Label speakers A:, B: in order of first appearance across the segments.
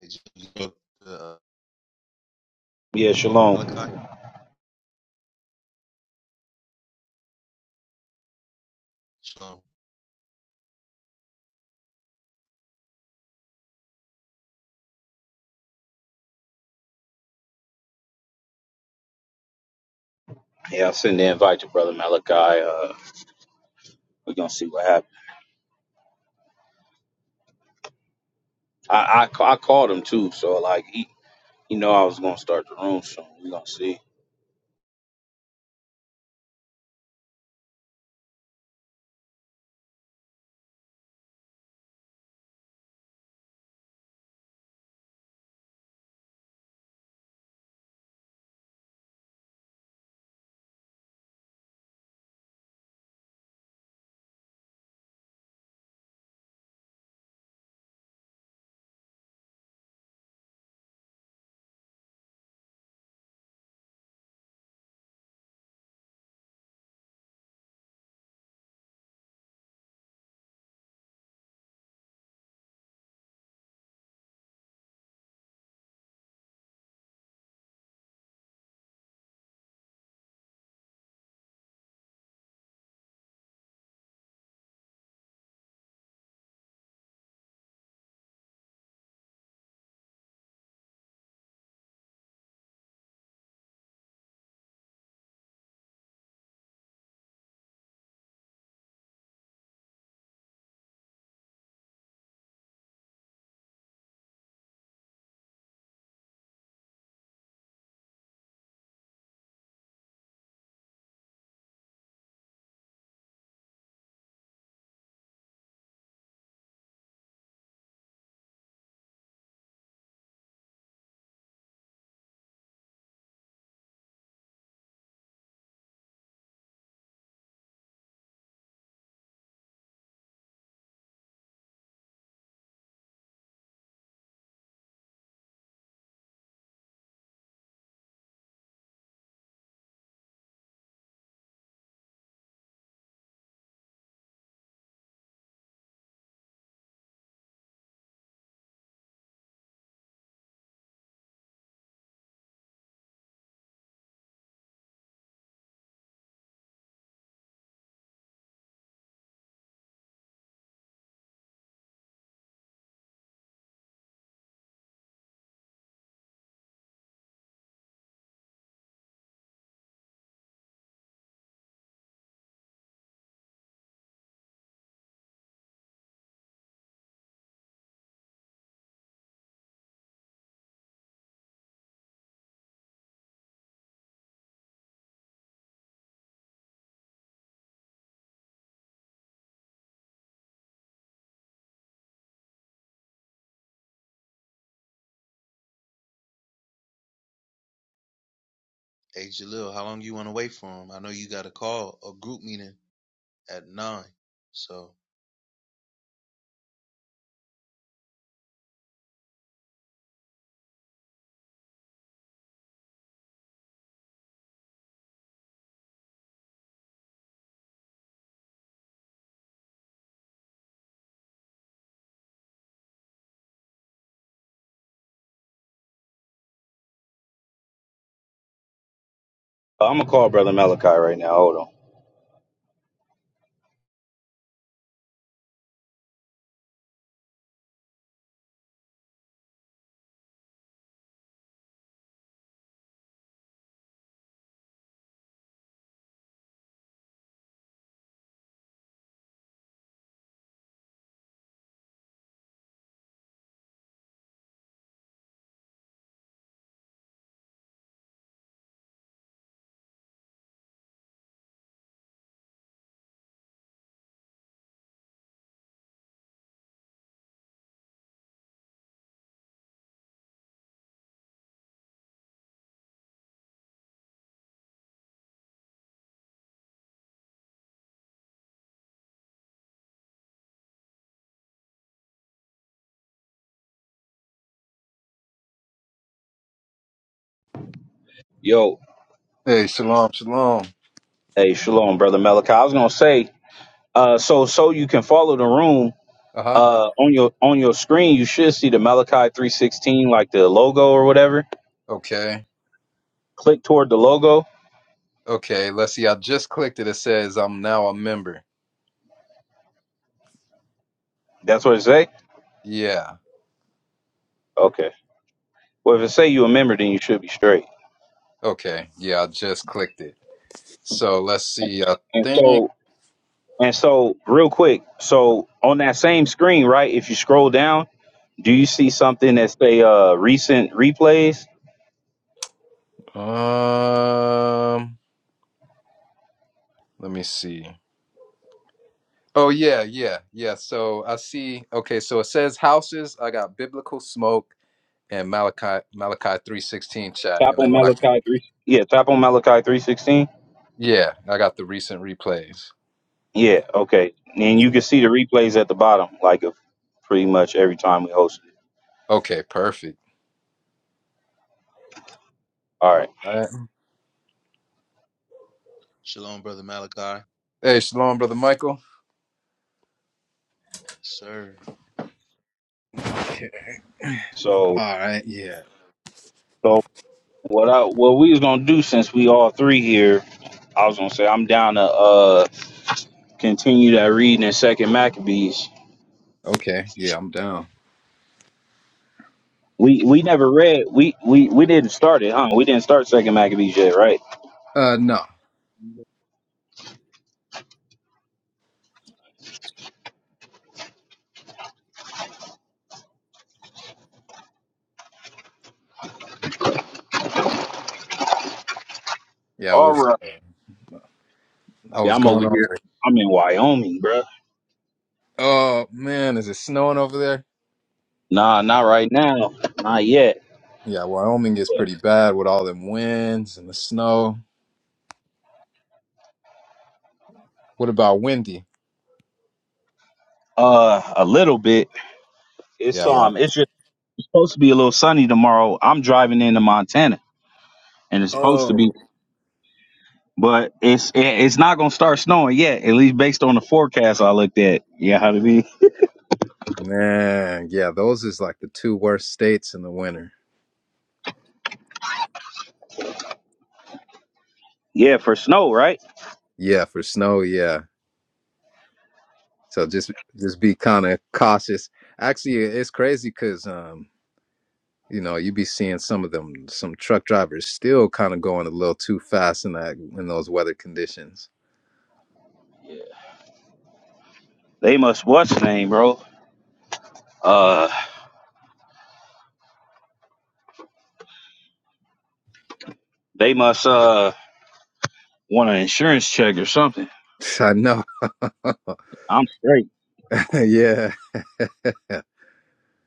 A: Hey, Jaleel, uh,
B: Yeah,
A: Malachi,
B: shalom.
A: Shalom.
B: Yeah, I send the invite to Brother Malachi. Uh, we're gonna see what happens. I, I ca- I called him too, so like he, he know I was gonna start the room soon. We're gonna see.
A: Hey, Jaleel, how long you want to wait for him? I know you got a call, a group meeting at nine. So,
B: I'm gonna call Brother Malachi right now. Hold on. Yo,
C: Hey, shalom, shalom.
B: hey, shalom, Brother Malachi. I was gonna say, uh, so so you can follow the room.
C: Uh huh.
B: Uh, on your on your screen, you should see the Malachi 316, like the logo or whatever.
C: Okay.
B: Click toward the logo.
C: Okay. Let's see. I just clicked it. It says I'm now a member.
B: That's what it say.
C: Yeah.
B: Okay. Well, if it say you a member, then you should be straight.
C: Okay. Yeah. I just clicked it. So let's see. I
B: And
C: think.
B: so, and so, real quick. So on that same screen, right? If you scroll down, do you see something that say uh recent replays?
C: Um. Let me see. Oh yeah, yeah, yeah. So I see. Okay. So it says houses. I got biblical smoke and Malachi Malachi three sixteen chat.
B: Tap
C: And
B: on
C: then when I
B: Malachi three. Yeah, tap on Malachi three sixteen.
C: yeah, I got the recent replays.
B: Yeah, okay. And you can see the replays at the bottom, like of pretty much every time we host it.
C: Okay. Perfect.
B: All right.
C: All right.
A: Shalom, brother Malachi, Yes,
C: Hey, shalom, brother Michael.
A: sir.
C: All
B: So,
C: right. Yeah.
B: so what I what we was gonna do since we all three here, I was gonna say I'm down to uh continue that reading in Second Maccabees
C: Okay, yeah, I'm down.
B: We we never read. We we we didn't start it, huh? We didn't start second Maccabees yet, right?
C: Uh, no,
A: You
C: yeah, I
B: All
C: was,
B: right.
C: uh, I
B: Yeah,
C: was
B: I'm over
C: going over.
B: here.
C: it.
B: I'm in Wyoming, bruh.
C: Oh man, is it snowing over there?
B: Nah, not right now. Not yet.
C: Yeah, Wyoming is pretty bad with all them winds and the snow. What about windy?
B: Uh, a little bit. It's
C: Yeah, why?
B: um, it's just supposed to be a little sunny tomorrow. I'm driving into Montana, and it's supposed to be,
C: Oh
B: but it's it, it's not gonna start snowing yet. At least based on the forecast I looked at. Yeah, how to be?
C: man, yeah, those is like the two worst states in the winter.
B: Yeah, for snow, right?
C: Yeah, for snow, yeah. So just, just be kind of cautious. Actually, it's crazy because um, you know, you be seeing some of them, some truck drivers still kind of going a little too fast in that in those weather conditions.
B: They must what's the name, bro? Uh, they must uh want an insurance check or something.
C: I know.
B: I'm straight.
C: yeah.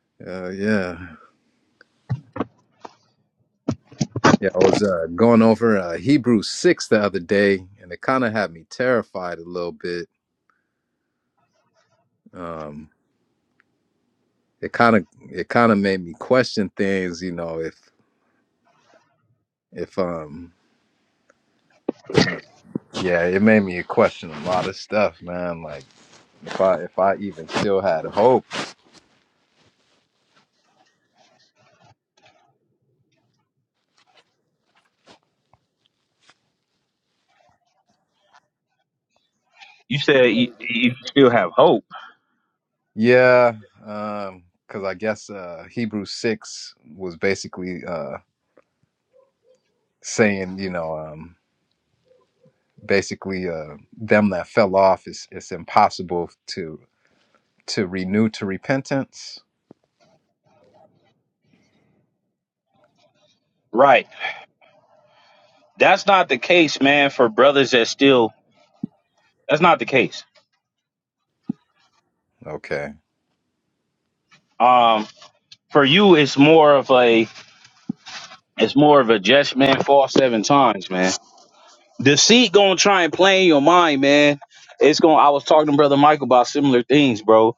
C: Uh, yeah. Yeah. I was uh, going over uh, Hebrew 6 the other day, and it kind of had me terrified a little bit. Um, it kind of it kind of made me question things, you know, if if um yeah, it made me question a lot of stuff, man. Like if I if I even still had hope.
B: You said you, you still have hope.
C: Yeah. Um, cuz I guess uh Hebrew 6 was basically uh saying, you know, um basically uh, them that fell off is it's impossible to to renew to repentance
B: Right. That's not the case, man, for brothers that still that's not the case.
C: okay
B: Um for you it's more of a it's more of a just man fall seven times, man. Deceit gonna try and play in your mind, man. It's gonna I was talking to Brother Michael about similar things, bro.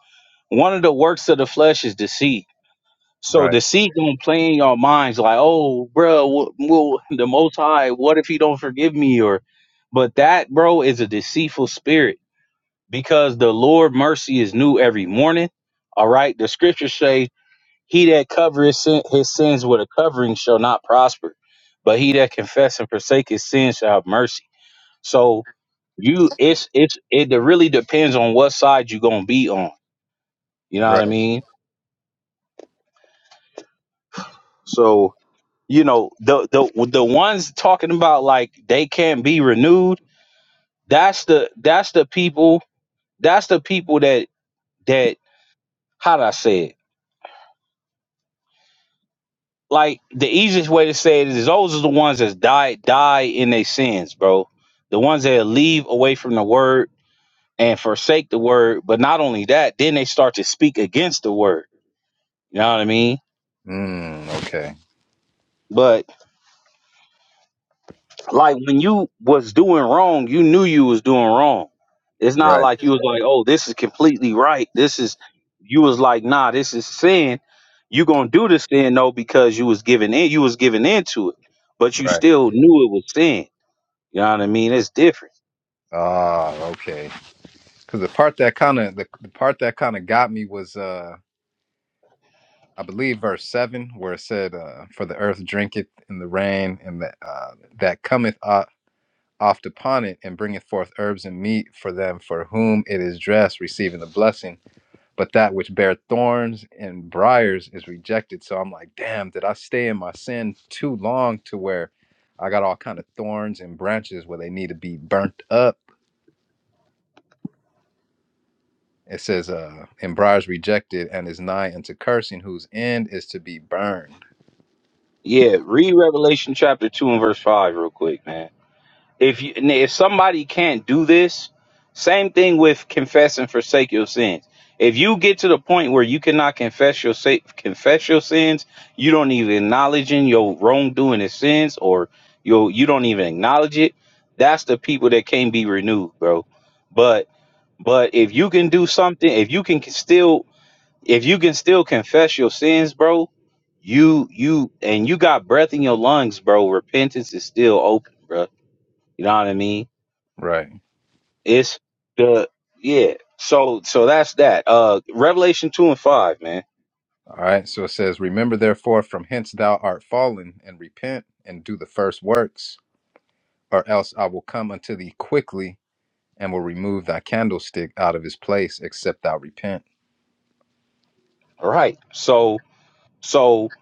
B: One of the works of the flesh is deceit. So
C: right
B: deceit don't play in your minds like, oh, bro, well, the Most High, what if He don't forgive me? Or, but that, bro, is a deceitful spirit because the Lord mercy is new every morning. All right, the Scriptures say, "He that covereth sin, his sins with a covering shall not prosper, but he that confess and forsake his sins shall have mercy." So, you, it's it's it really depends on what side you're gonna be on. You know what I
C: right
B: mean? So. you know the the the ones talking about like they can't be renewed that's the that's the people that's the people that that how do i say it like the easiest way to say it is those are the ones that die die in their sins bro the ones that leave away from the word and forsake the word but not only that then they start to speak against the word you know what i mean
C: mm, okay
B: But. like when you was doing wrong, you knew you was doing wrong. It's not
C: right
B: like you was like, oh, this is completely right. This is you was like, nah, this is sin. You gonna do this sin though because you was giving in, you was giving into it, but you
C: right
B: still knew it was sin. You know what I mean? It's different.
C: ah okay because the part that kind of the, the part that kind of got me was uh i believe verse 7 where it said uh for the earth drinketh in the rain and that uh that cometh up oft upon it and bringeth forth herbs and meat for them for whom it is dressed receiving the blessing but that which bear thorns and briars is rejected so i'm like damn did i stay in my sin too long to where i got all kind of thorns and branches where they need to be burnt up it says uh and briars rejected and is nigh unto cursing whose end is to be burned
B: Yeah, read Revelation chapter two and verse five real quick, man. If you if somebody can't do this, same thing with confess and forsake your sins. If you get to the point where you cannot confess your sa- confess your sins, you don't even acknowledge in your wrongdoing and sins, or you you don't even acknowledge it. That's the people that can't be renewed, bro. But but if you can do something, if you can still if you can still confess your sins, bro, you you and you got breath in your lungs, bro. Repentance is still open, bro. You know what I mean?
C: right
B: It's the yeah. So so that's that. Uh Revelation 2 and 5, man.
C: all right so it says remember therefore from hence thou art fallen and repent and do the first works or else i will come unto thee quickly and will remove thy candlestick out of his place except thou repent
B: Right. So so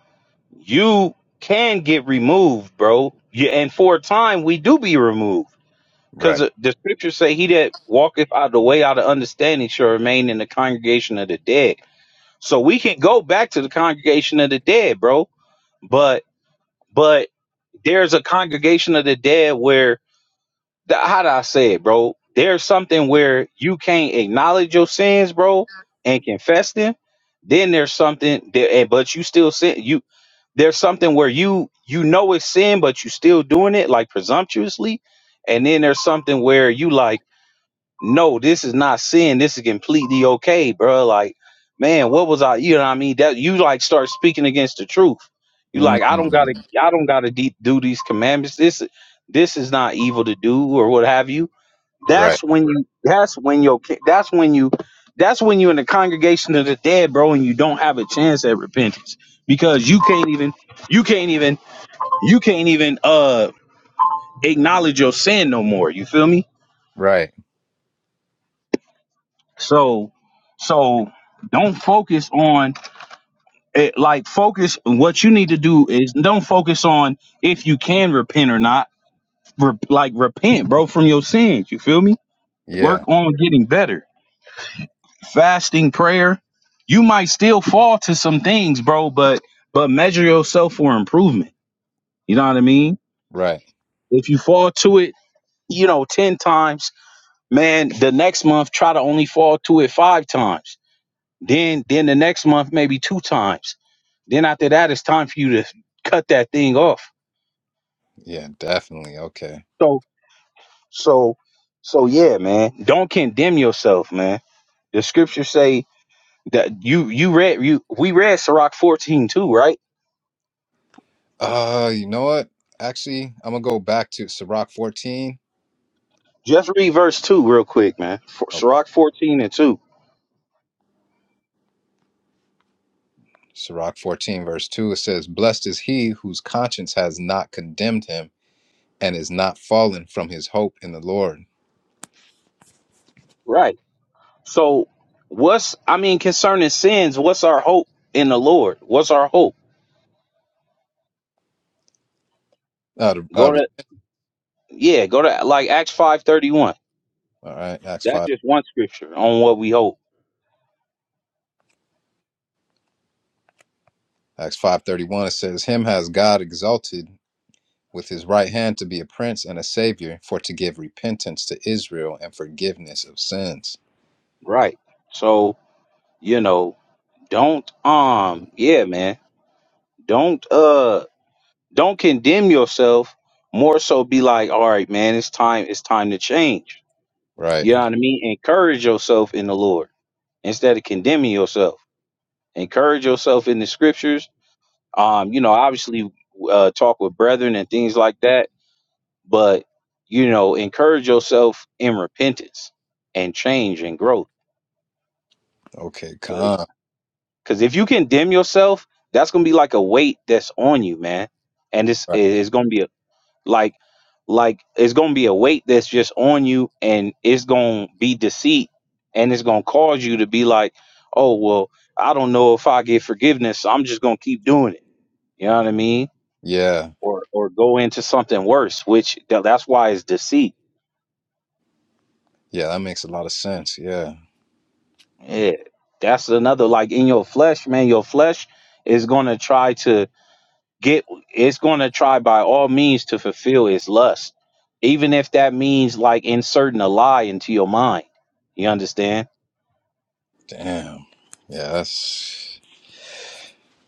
B: you can get removed, bro. Yeah, and for a time we do be removed.
C: right
B: Because the scriptures say he that walketh out of the way out of understanding shall remain in the congregation of the dead. So we can go back to the congregation of the dead, bro. But but there's a congregation of the dead where. the, how do I say it, bro? There's something where you can't acknowledge your sins, bro, and confess them. Then there's something that, and- but you still sin. You there's something where you you know it's sin, but you still doing it like presumptuously. And then there's something where you like no, this is not sin. This is completely okay, bro. Like, man, what was I? You know what I mean? That you like start speaking against the truth. You like, I don't gotta,
C: Mm,
B: I don't gotta de- do these commandments. This, this is not evil to do or what have you.
C: right,
B: That's when you. That's when your. ki- That's when you. That's when you're in the congregation of the dead, bro, and you don't have a chance at repentance because you can't even. You can't even. You can't even uh acknowledge your sin no more. You feel me?
C: right.
B: So, so don't focus on it. Like focus. What you need to do is don't focus on if you can repent or not. Re- like repent, bro, from your sins. You feel me?
C: Yeah,
B: Work on getting better. Fasting, prayer. You might still fall to some things, bro, but but measure yourself for improvement. You know what I mean?
C: right.
B: If you fall to it, you know, ten times, man, the next month try to only fall to it five times. Then then the next month maybe two times Then after that, it's time for you to cut that thing off.
C: Yeah, definitely. Okay.
B: So, so, so yeah, man. Don't condemn yourself, man. The scriptures say that you you read you we read Sirach fourteen too, right?
C: Uh, you know what? Actually, I'm gonna go back to Sirach 14.
B: Just read verse two real quick, man. For,
C: Oh,
B: Sirach fourteen and two,
C: Sirach 14, verse 2. It says, Blessed is he whose conscience has not condemned him and is not fallen from his hope in the Lord.
B: right? So, what's I mean concerning sins? What's our hope in the Lord? What's our hope?
C: Uh, the- uh,
B: Go
C: re-
B: to yeah, go to like Acts five thirty one.
C: all right, Acts
B: That's
C: 5.
B: just one scripture on what we hope,
C: Acts 5:31 it says him has God exalted with his right hand to be a prince and a savior for to give repentance to Israel and forgiveness of sins.
B: right? So you know don't um yeah man don't uh don't condemn yourself more so be like all right man it's time it's time to change
C: Right.
B: you know what i mean encourage yourself in the lord instead of condemning yourself encourage yourself in the scriptures um you know obviously uh talk with brethren and things like that but you know encourage yourself in repentance and change and growth
C: Okay, con.
B: Because if you condemn yourself, that's gonna be like a weight that's on you, man. And it's
C: Right.
B: it's gonna be a, like like it's gonna be a weight that's just on you, and it's gonna be deceit, and it's gonna cause you to be like, oh well, I don't know if I get forgiveness, so I'm just gonna keep doing it. You know what I mean?
C: Yeah,
B: Or or go into something worse, which tha- that's why it's deceit.
C: yeah, that makes a lot of sense. Yeah,
B: Yeah, that's another like in your flesh, man. Your flesh is gonna try to get it's going to try by all means to fulfill its lust even if that means like inserting a lie into your mind you understand
C: damn. Yeah, that's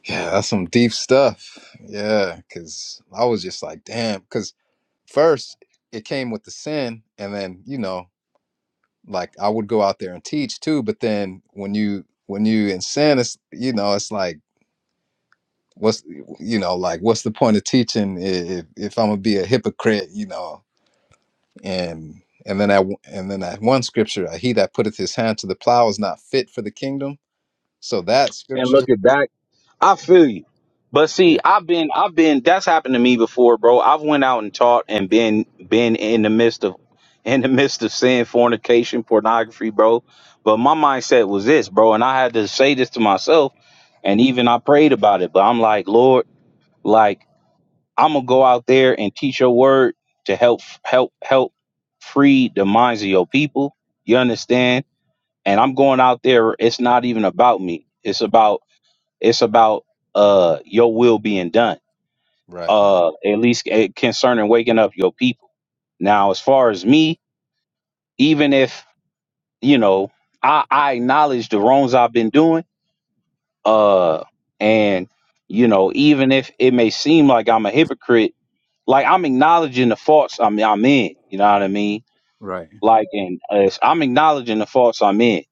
C: yeah, that's some deep stuff. Yeah, because I was just like, damn. Because first it came with the sin, and then you know, like I would go out there and teach too. But then when you when you in sin, it's you know, it's like what's you know like what's the point of teaching i- if if I'm gonna be a hypocrite? You know, and and then I and then that one scripture, uh, he that putteth his hand to the plow is not fit for the kingdom. So that
B: and
C: scripture,
B: look at that i feel you but see
C: yeah,
B: i've been i've been that's happened to me before bro i've went out and taught and been been in the midst of in the midst of sin fornication pornography bro but my mindset was this bro and i had to say this to myself and even i prayed about it but i'm like lord like I'm gonna go out there and teach your word to help help help free the minds of your people. You understand? And I'm going out there. It's not even about me. It's about it's about uh your will being done.
C: right,
B: Uh, at least eh, concerning waking up your people. Now, as far as me, even if you know, I I acknowledge the wrongs I've been doing. Uh, and you know, even if it may seem like I'm a hypocrite like I'm acknowledging the faults I'm I'm in. You know what I mean?
C: Right,
B: Like, and uh, I'm acknowledging the faults I'm in.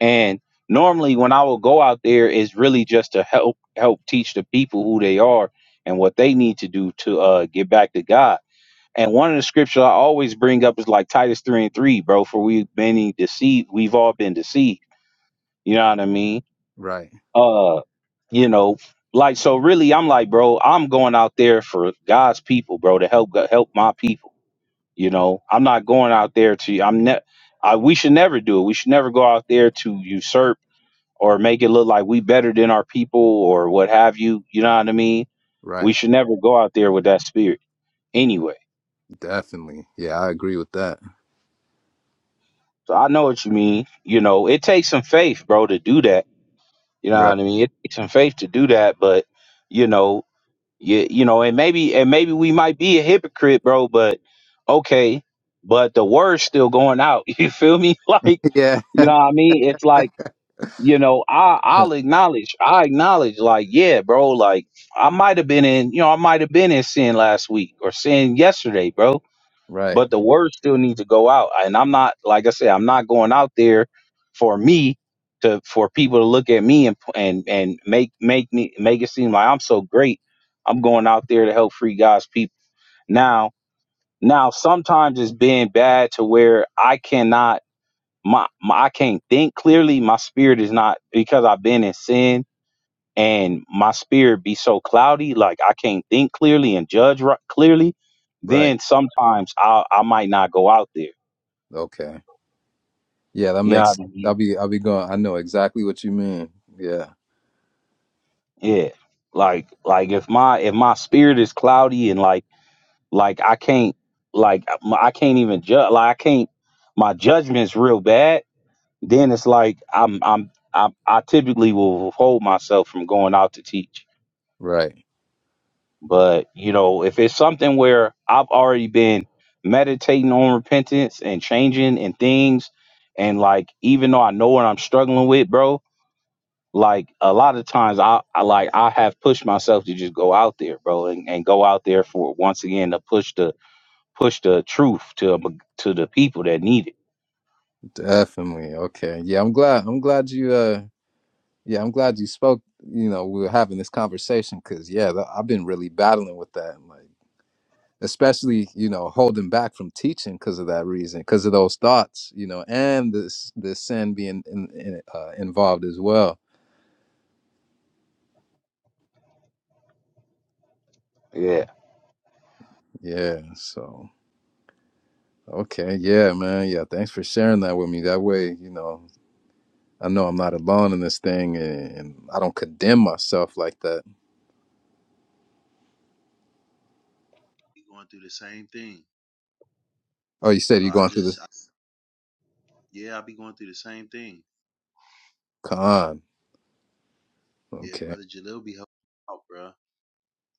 B: And normally, when I will go out there, it's really just to help help teach the people who they are and what they need to do to uh, get back to God. And one of the scriptures I always bring up is like Titus three and three, bro. For we've been deceived, we've all been deceived. You know what I mean?
C: right,
B: Uh, you know, like so. Really, I'm like, bro, I'm going out there for God's people, bro, to help help my people. You know, I'm not going out there to. I'm ne- I, We should never do it. We should never go out there to usurp or make it look like we better than our people or what have you. You know what I mean? We
C: right.
B: should never go out there with that spirit. Anyway,
C: Definitely. Yeah, I agree with that.
B: so I know what you mean. You know, it takes some faith, bro, to do that. You know what
C: Right.
B: I mean? It takes some faith to do that, but you know, you, you know, and maybe and maybe we might be a hypocrite, bro. But okay, but the word's still going out. You feel me? Like
C: Yeah.
B: you know what I mean? It's like you know, I I'll acknowledge, I acknowledge, like, yeah, bro, like I might have been in, you know, I might have been in sin last week or sin yesterday, bro.
C: Right,
B: But the word still needs to go out, and I'm not, like I said, I'm not going out there for me to for people to look at me and and and make make me make it seem like I'm so great. I'm going out there to help free God's people. Now, now sometimes it's been bad to where I cannot my, my I can't think clearly. My spirit is not because I've been in sin and my spirit be so cloudy, like I can't think clearly and judge right, clearly.
C: right.
B: Then sometimes I I might not go out there.
C: Okay. Yeah, that
B: You know
C: makes
B: what I
C: sense. I'll
B: mean?
C: be I'll be going. I know exactly what you mean. Yeah.
B: Yeah. Like like if my if my spirit is cloudy and like like I can't like m- I can't even judge like I can't my judgment's real bad. Then it's like I'm I'm I, I typically will withhold myself from going out to teach
C: Right.
B: But you know, if it's something where I've already been meditating on repentance and changing and things, and like even though I know what I'm struggling with, bro, like a lot of times I, I like I have pushed myself to just go out there, bro, and, and go out there for once again to push the push the truth to um, to the people that need it.
C: Definitely. Okay. Yeah, I'm glad I'm glad you uh yeah, I'm glad you spoke, you know, we were having this conversation cuz yeah, that, I've been really battling with that. like. especially you know holding back from teaching because of that reason because of those thoughts you know and this the sin being in, in, uh, involved as well
B: Yeah,
C: yeah so okay yeah man yeah thanks for sharing that with me that way you know i know i'm not alone in this thing and, and i don't condemn myself like that
A: be going through the same thing.
C: oh you said
A: So
C: you're
A: I
C: going through
A: just, I,
C: this
A: yeah, I be going through the same thing.
C: con
A: Yeah,
C: okay
A: brother Jalil be helping out, bro.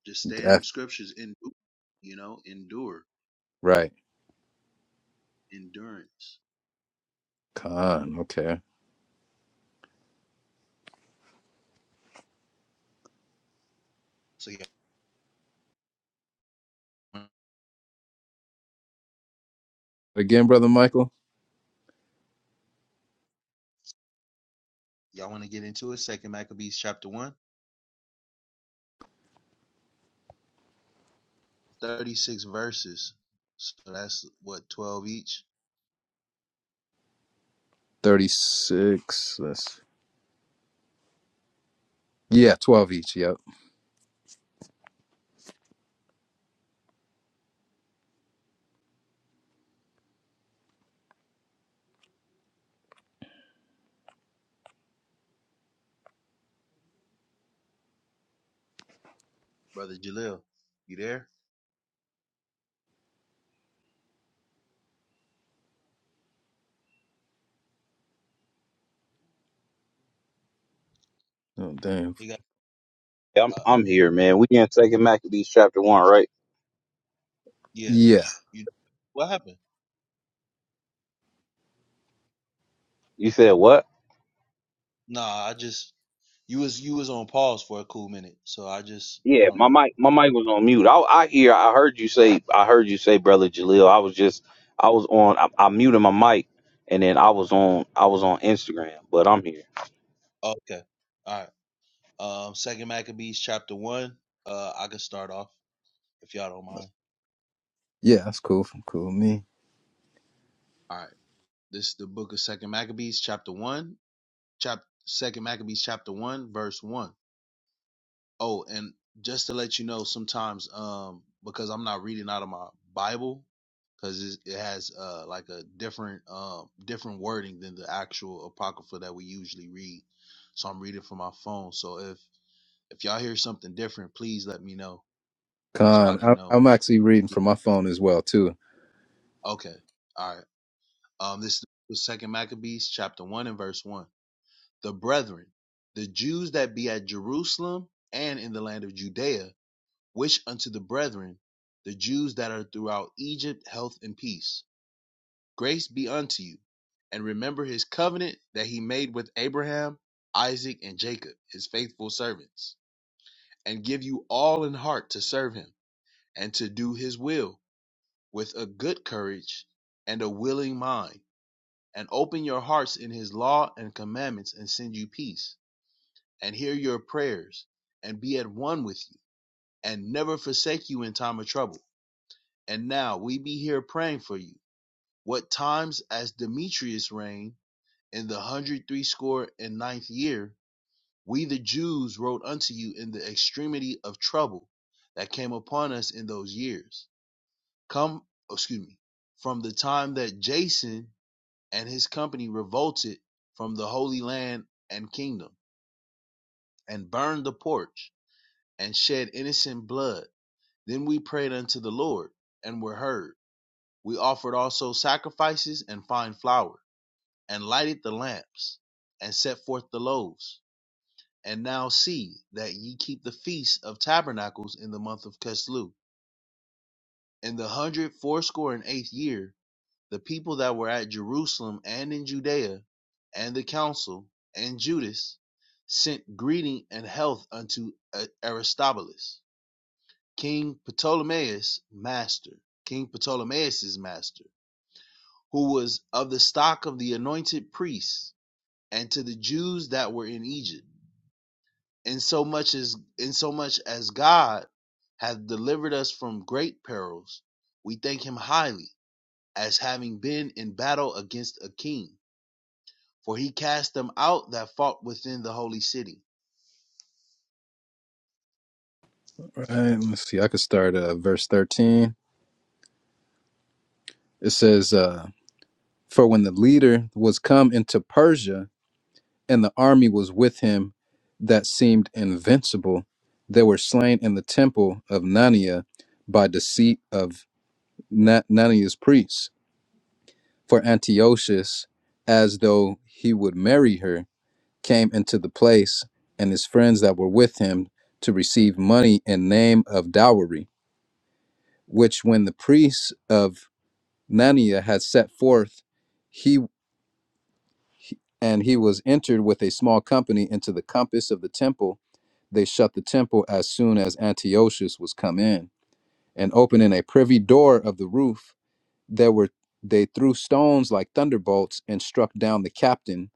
A: Just stay in
C: death
A: them scriptures, endure, you know, endure,
C: right
A: endurance.
C: con okay
A: So y'all,
C: again brother michael
A: y'all want to get into it? Second Maccabees chapter one, 36 verses. So that's what 12 each.
C: 36 that's yeah 12 each yep
A: brother Jalil. You there?
C: oh damn
A: He got.
B: I'm
A: Uh, uh,
B: I'm here, man. We in Second Maccabees chapter one, right?
A: yeah.
C: yeah
A: You. What happened?
B: You said what?
A: Nah, I just. You was you was on pause for a cool minute, so I just I
B: Yeah,
A: don't
B: my
A: know.
B: mic, my mic was on mute. I, I hear, I heard you say, I heard you say, brother Jaleel. I was just, I was on, I, I muted my mic, and then I was on, I was on Instagram, but I'm here.
A: Okay. All right. Um, Second Maccabees chapter one. Uh, I can start off if y'all don't mind.
C: Yeah, that's cool. f- Cool. Me.
A: All right. This is the book of Second Maccabees chapter one. Chap Second Maccabees chapter one verse one. Oh, and just to let you know, sometimes um because I'm not reading out of my Bible because it has uh like a different um different wording than the actual apocrypha that we usually read. So I'm reading from my phone. So if if y'all hear something different, please let me know so I
C: Con.
A: can
C: I, I'm
A: know.
C: actually reading from my phone as well too.
A: Yeah, Okay. All right. Um, this was Second Maccabees chapter one and verse one. The brethren, the Jews that be at Jerusalem and in the land of Judea Wish unto the brethren, the Jews that are throughout Egypt, health and peace. Grace be unto you. And remember his covenant that he made with Abraham, Isaac, and Jacob, his faithful servants, and give you all in heart to serve him, and to do his will, with a good courage and a willing mind. And open your hearts in his law and commandments, and send you peace, and hear your prayers, and be at one with you, and never forsake you in time of trouble And now we be here praying for you. What times as Demetrius reigned in the hundred threescore and ninth year, we the Jews wrote unto you in the extremity of trouble that came upon us in those years. Come, oh, excuse me, from the time that Jason and his company revolted from the Holy Land and kingdom, and burned the porch, and shed innocent blood. Then we prayed unto the Lord, and were heard We offered also sacrifices and fine flour, and lighted the lamps, and set forth the loaves. And now see that ye keep the feast of tabernacles in the month of Keslu. In the hundred fourscore and eighth year, the people that were at Jerusalem and in Judea, and the council, and Judas, sent greeting and health unto Aristobulus, King Ptolemaeus' master, King Ptolemaeus' master who was of the stock of the anointed priests, and to the Jews that were in Egypt, insomuch as insomuch as God hath delivered us from great perils, we thank him highly, as having been in battle against a king, for he cast them out that fought within the holy city.
C: All Right. Let's see. I could start uh, verse 13. It says, uh, "For when the leader was come into Persia, and the army was with him, that seemed invincible, they were slain in the temple of Nania by deceit of Na- Nania's priests for Antiochus, as though he would marry her." came into the place and his friends that were with him to receive money in name of dowry which when the priests of Nannia had set forth he he- and he was entered with a small company into the compass of the temple they shut the temple as soon as Antiochus was come in and opening a privy door of the roof there were they threw stones like thunderbolts and struck down the captain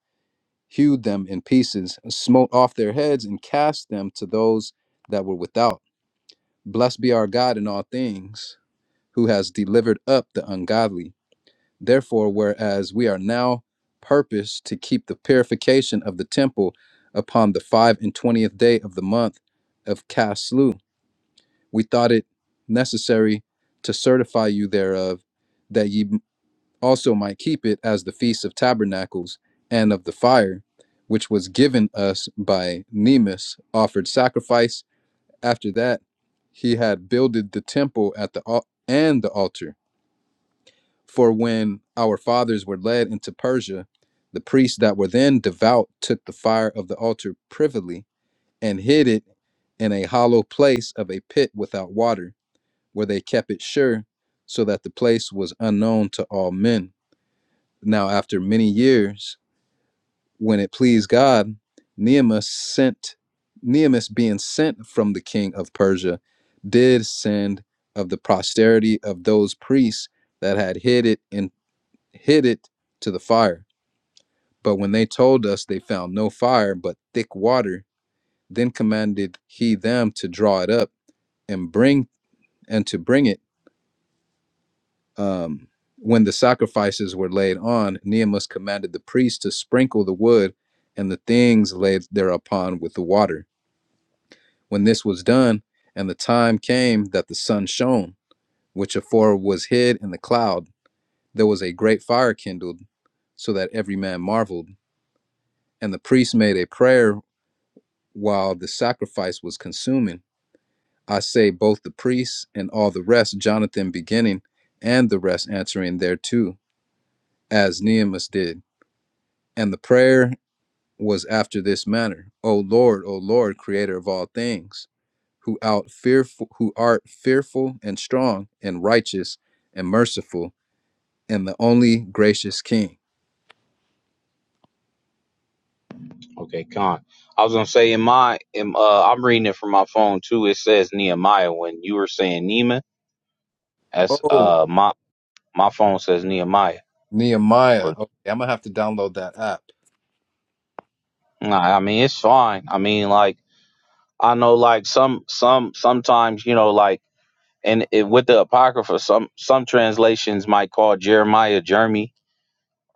C: hewed them in pieces, smote off their heads, and cast them to those that were without. Blessed be our God in all things, who has delivered up the ungodly. Therefore, whereas we are now purposed to keep the purification of the temple upon the five and twentieth day of the month of Caslu, we thought it necessary to certify you thereof, that ye also might keep it as the Feast of Tabernacles and of the Fire, which was given us by Nemus, offered sacrifice. After that, he had builded the temple at the al- and the altar. For when our fathers were led into Persia, the priests that were then devout took the fire of the altar privily and hid it in a hollow place of a pit without water, where they kept it sure, so that the place was unknown to all men. Now, after many years, when it pleased God, Nehemus sent Nehemus being sent from the king of Persia, did send of the posterity of those priests that had hid it and hid it to the fire. But when they told us they found no fire but thick water, then commanded he them to draw it up and bring and to bring it Um, when the sacrifices were laid on, Nehemus commanded the priest to sprinkle the wood and the things laid thereupon with the water. When this was done, and the time came that the sun shone, which afore was hid in the cloud, there was a great fire kindled, so that every man marveled. And the priest made a prayer while the sacrifice was consuming. I say, both the priests and all the rest, Jonathan beginning, and the rest answering thereto, as Nehemus did. And the prayer was after this manner: O Lord, O Lord, creator of all things, who out fearful who art fearful and strong and righteous and merciful and the only gracious king.
B: Okay, con. I was gonna say in my, in, uh, I'm reading it from my phone too. It says Nehemiah when you were saying Neiman. That's
C: Oh,
B: uh, my my phone says Nehemiah.
C: Nehemiah.
B: Or
C: Okay, I'm gonna have to download that app.
B: nah, I mean it's fine. I mean like I know like some some sometimes you know like. and it, with the apocrypha, some some translations might call Jeremiah Jeremy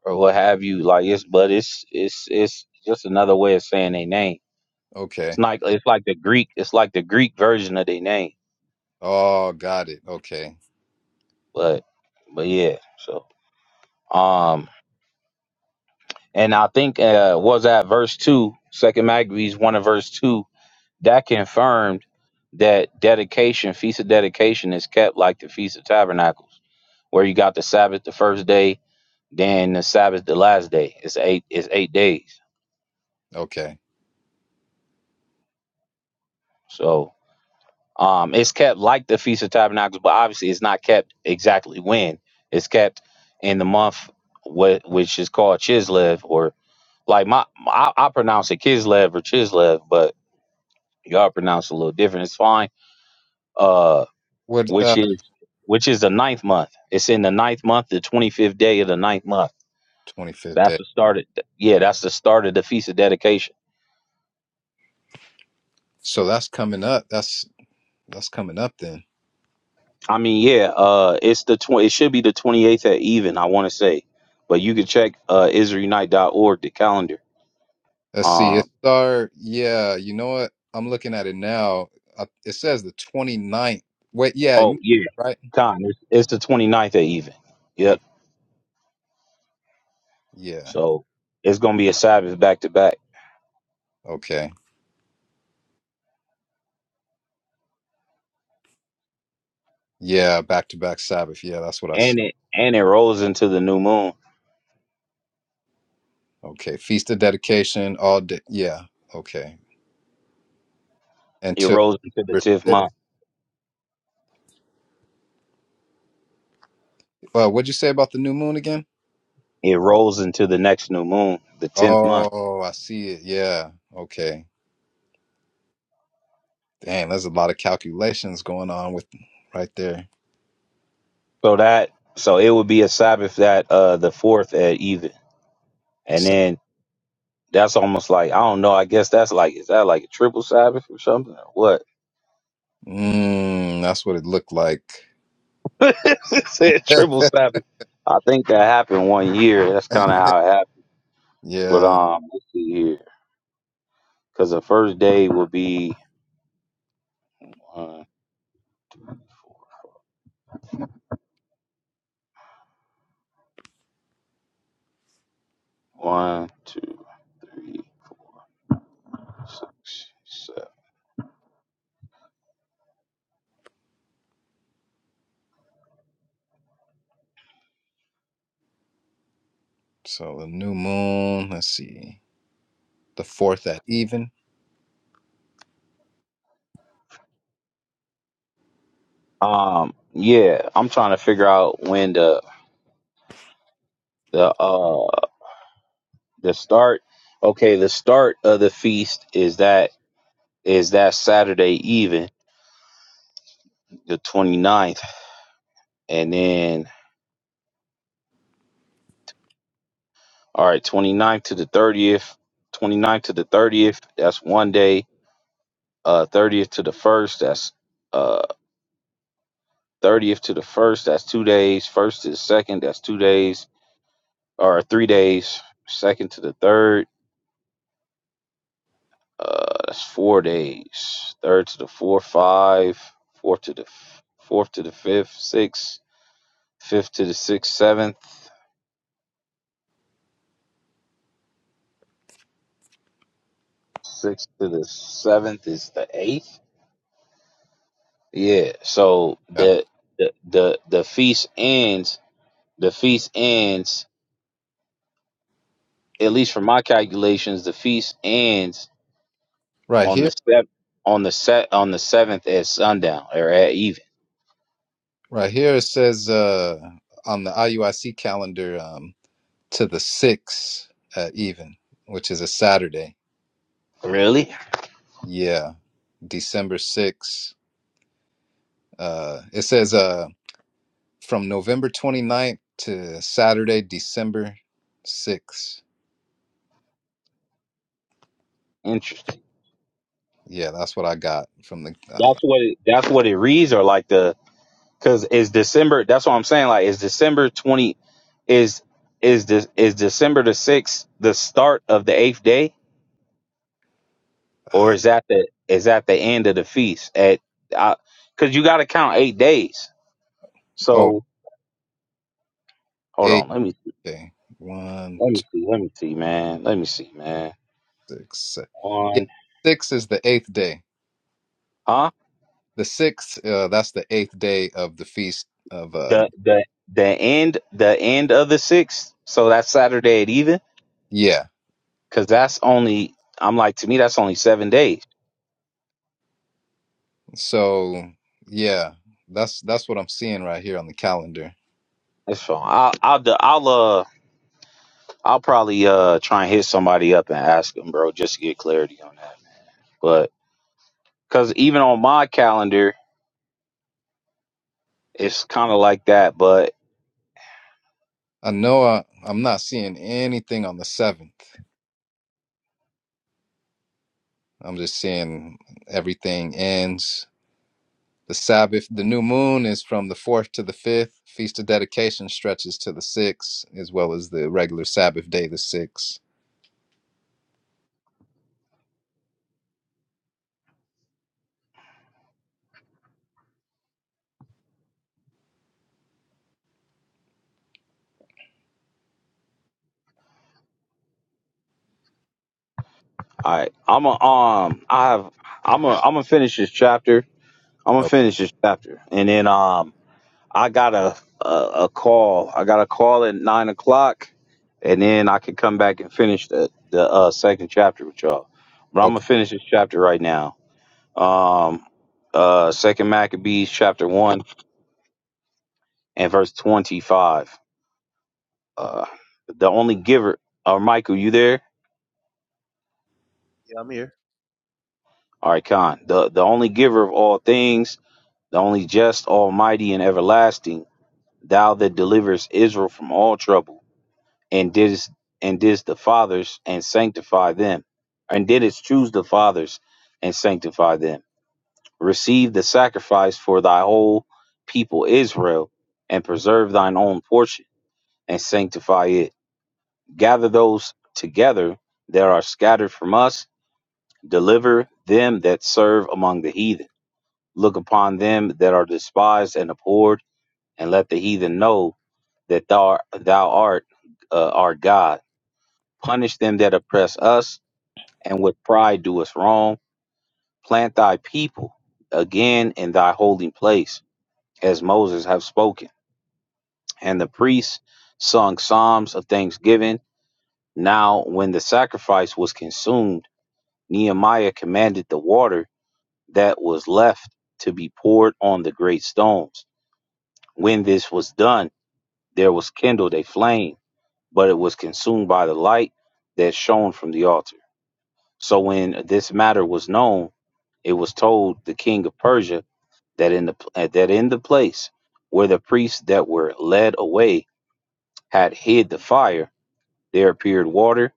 B: or what have you. Like it's, but it's it's it's just another way of saying their name. It's
C: Okay.
B: like it's like the Greek. It's like the Greek version of their name.
C: Oh, got it. Okay.
B: But but yeah. So um, and I think uh, was that verse two, Second Maccabees one of verse two that confirmed that dedication, feast of dedication, is kept like the feast of tabernacles, where you got the Sabbath the first day Then the Sabbath, the last day, it's eight. It's eight days.
C: Okay.
B: So um, it's kept like the Feast of Tabernacles, but obviously it's not kept exactly when it's kept in the month what which is called Chislev, or like my, my I, I pronounce it Kislev or Chislev, but y'all pronounce it a little different. It's fine. Uh,
C: What
B: which
C: uh
B: is which is the ninth month. It's in the ninth month, the twenty fifth day of the ninth month.
C: 25th
B: That's
C: day.
B: the start. Of, yeah, that's the start of the Feast of Dedication
C: So that's coming up. That's that's coming up then.
B: I mean, yeah, uh, it's the tw- it should be the 28th at even, I want to say. But you can check uh, org the calendar.
C: Let's see. It
B: Um,
C: start. Yeah, you know what? I'm looking at it now. I, it says the 29th. Wait, yeah,
B: oh,
C: n-
B: yeah,
C: right?
B: con, it's, it's the 29th at even. Yep.
C: Okay. Yeah.
B: So it's going to be a Sabbath back to back.
C: Okay. Yeah, back to back Sabbath. Yeah, that's what I
B: And
C: see.
B: it and it rolls into the new moon.
C: Okay. Feast of dedication all day. Yeah. Okay.
B: It
C: Until
B: rolls into the
C: December
B: 10th
C: 6th.
B: month.
C: Well, what'd you say about the new moon again?
B: It rolls into the next new moon, the 10th month.
C: Oh, I see it. Yeah. Okay. Dang, there's a lot of calculations going on with right there.
B: So that so it would be a Sabbath that uh, the 4th at even.
C: Let's
B: And
C: see.
B: then That's almost like I don't know. I guess that's like is that like a triple Sabbath or something or what?
C: Mm, that's what it looked like.
B: It Said triple Sabbath. I think that happened one year. That's kind of how it happened. But
C: yeah.
B: um, let's see here, because the first day will be one, two, four, one, two, three, six, seven.
C: So the new moon, let's see, the fourth at even.
B: Um, yeah, I'm trying to figure out when the the uh the start. Okay, the start of the feast is that is that Saturday even the 29th And then, all right, 29th to the 30th, 29th to the 30th, that's one day. Uh, 30th to the 1st, that's uh, 30th to the 1st, that's two days. 1st to the 2nd, that's two days, or three days. 2nd to the 3rd, uh, that's four days. 3rd to the 4th, 5. 4th to the f- 4th to the 5th, 6. 5th to the 6th, 7th. 6th to the 7th is the 8th. Yeah. So
C: Yeah.
B: the the the the feast ends. The feast ends. At least from my calculations, the feast ends
C: Right
B: on
C: here,
B: the seventh on the set on the seventh at sundown or at even.
C: right here it says uh on the IUIC calendar um to the 6th at even, which is a Saturday.
B: Really
C: Yeah. December 6th. Uh it says uh from November 29th to Saturday, December 6th.
B: interesting.
C: Yeah, that's what I got from the
B: That's
C: uh,
B: what it, that's what it reads or like the because it's December. That's what I'm saying. Like it's December twenty. Is is this is December the sixth the start of the eighth day? or is that the is that the end of the feast at because you got to count eight days
C: oh,
B: so hold
C: eight.
B: on let me
C: Okay. One,
B: let me
C: two,
B: see let me see man let me see man
C: six, seven. Yeah,
B: on
C: six is the eighth day.
B: huh
C: The sixth, uh, that's the eighth day of the feast of uh
B: the the the end the end of the sixth so that's saturday at even
C: yeah.
B: because that's only i'm like to me that's only seven days
C: So yeah, that's that's what I'm seeing right here on the calendar.
B: that's fine i'll i'll do- i'll uh i'll probably uh try and hit somebody up and ask them bro just to get clarity on that but because even on my calendar it's kind of like that but
C: I know I, I'm not seeing anything on the seventh. I'm just seeing everything ends. The Sabbath, the new moon is from the fourth to the fifth. Feast of dedication stretches to the sixth, as well as the regular Sabbath day, the sixth.
B: All right, I'm a um, I have, I'm a, I'm gonna finish this chapter. I'm gonna
C: Oh,
B: finish this chapter, and then um, I got a a, a call. I got a call at nine o'clock, and then I could come back and finish the the uh, second chapter with y'all. But I'm
C: okay,
B: gonna finish this chapter right now. Um, uh, Second Maccabees chapter one and verse twenty five. Uh, the only giver, or Michael, you there?
A: Yeah, I'm here.
B: All right, Con. The the only giver of all things the only just, almighty, and everlasting, thou that deliverest Israel from all trouble, and didst and didst the fathers and sanctify them, and didst choose the fathers and sanctify them. Receive the sacrifice for thy whole people Israel, and preserve thine own portion, and sanctify it. Gather those together that are scattered from us, deliver them that serve among the heathen. Look upon them that are despised and abhorred and let the heathen know that thou art, thou art uh, our God. Punish them that oppress us, and with pride do us wrong. Plant thy people again in thy holy place, as Moses have spoken. And the priests sung psalms of thanksgiving. Now, when the sacrifice was consumed, Nehemiah commanded the water that was left to be poured on the great stones. When this was done, there was kindled a flame but it was consumed by the light that shone from the altar. So when this matter was known, it was told the king of Persia that in the uh, that in the place where the priests that were led away had hid the fire, there appeared water,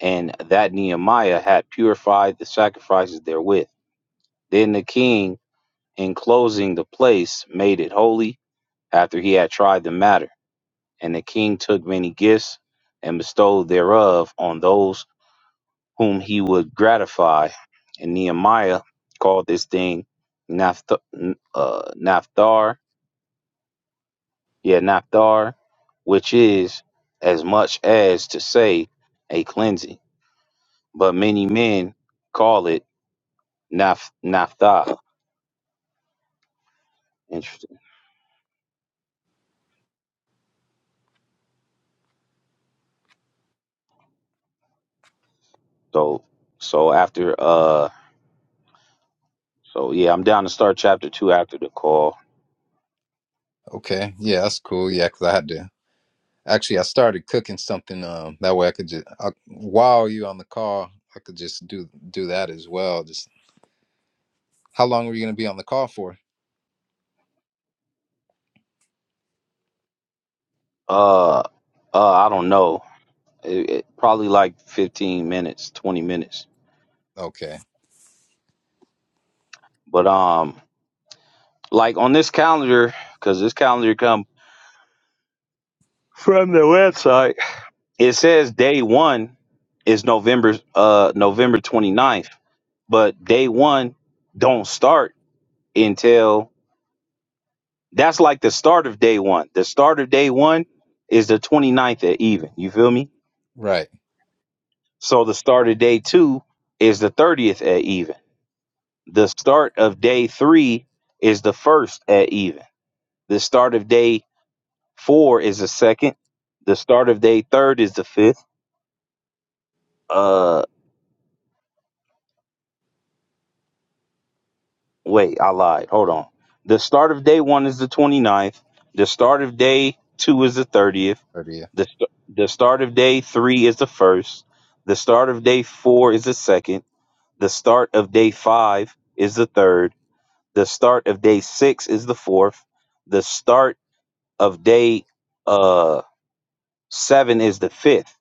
B: and that Nehemiah had purified the sacrifices therewith. Then the king, enclosing the place, made it holy after he had tried the matter. And the king took many gifts and bestowed thereof on those whom he would gratify. And Nehemiah called this thing Napht- uh, Naphthar, yeah, Naphthar, which is as much as to say a cleansing. But many men call it Naph- Naphtha. Interesting. So, so after, uh, so yeah, I'm down to start chapter two after the call.
C: okay, yeah, that's cool. Yeah, because I had to Actually, I started cooking something. Um, that way I could just I, while you on the call, I could just do do that as well. Just how long are you going to be on the call for?
B: Uh, uh, I don't know. It, it, probably like 15 minutes, 20 minutes.
C: Okay,
B: But um, Like on this calendar, because this calendar come from the website. It says day one is November uh November twenty ninth, but day one don't start until that's like the start of day one. The start of day one is the twenty ninth at even. You feel me?
C: right,
B: So the start of day two is the 30th at even. The start of day three is the first at even. The start of day four is the second. The start of day third is the fifth uh wait i lied hold on the start of day one is the 29th the start of day two is the 30th
C: thirtieth.
B: the, st- the start of day three is the first the start of day four is the second the start of day five is the third the start of day six is the fourth the start of day uh seven is the fifth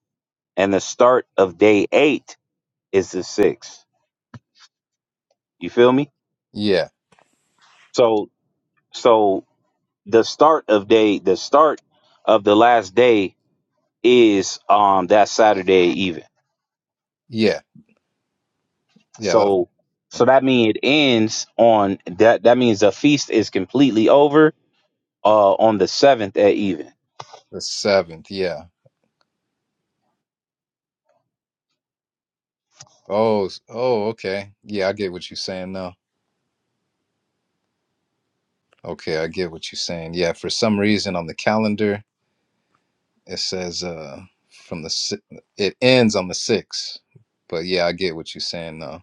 B: and the start of day eight is the sixth you feel me
C: Yeah,
B: so so the start of day the start of the last day is um that saturday even
C: yeah, yeah. That's
B: so so that means it ends on that that means the feast is completely over uh on the seventh at even
C: the seventh. Yeah. Oh, s- oh, okay. Yeah, I get what you're saying now. Okay, I get what you're saying. Yeah, for some reason on the calendar it says uh from the si- it ends on the sixth, but yeah, I get what you're saying now.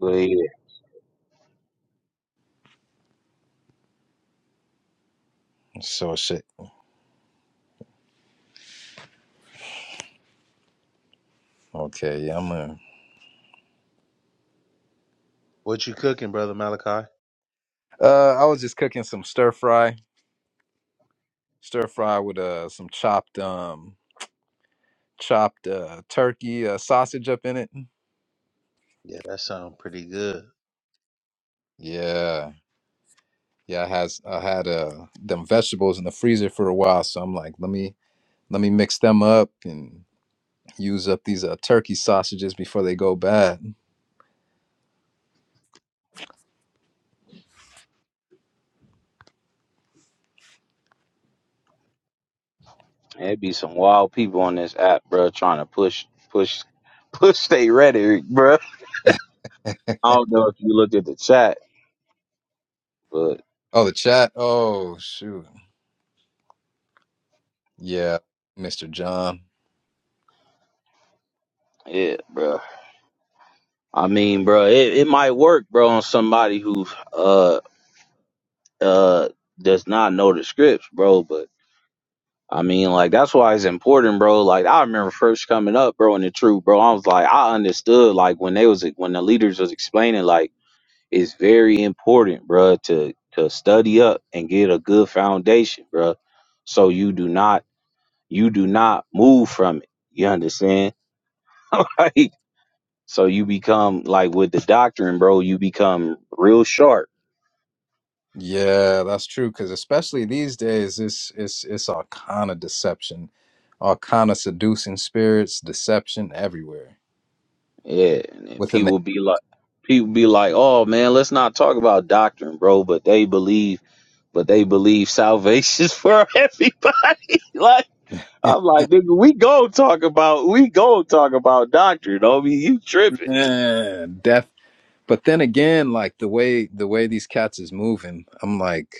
B: but yeah
C: So shit. Okay, yeah, I'm gonna
A: What you cooking, brother Malachi?
C: Uh, I was just cooking some stir fry, stir fry with uh some chopped um chopped uh turkey uh, sausage up in it.
A: Yeah, that sounds pretty good.
C: Yeah, yeah. I has I had uh them vegetables in the freezer for a while, so I'm like, let me let me mix them up and use up these uh turkey sausages before they go bad.
B: it'd be some wild people on this app bro trying to push push push they rhetoric bro i don't know if you looked at the chat but
C: Oh, the chat. Oh shoot. Yeah, Mr. John.
B: yeah bro i mean bro it, it might work bro on somebody who uh uh does not know the scripts, bro. But I mean, like that's why it's important, bro. Like I remember first coming up, bro, in the truth, bro. I was like, I understood, like when they was when the leaders was explaining, like it's very important, bro, to to study up and get a good foundation, bro. So you do not you do not move from it. You understand? like so you become like with the doctrine, bro. You become real sharp
C: Yeah, that's true. Because especially these days, it's it's it's all kind of deception, all kind of seducing spirits, deception everywhere
B: Yeah, and then
C: within the
B: people be like, people be like, "Oh man, let's not talk about doctrine, bro." But they believe, but they believe salvation's for everybody. like I'm like, nigga, we go talk about, we go talk about doctrine. I mean, you tripping?
C: yeah, death. But then again, like the way the way these cats is moving, I'm like,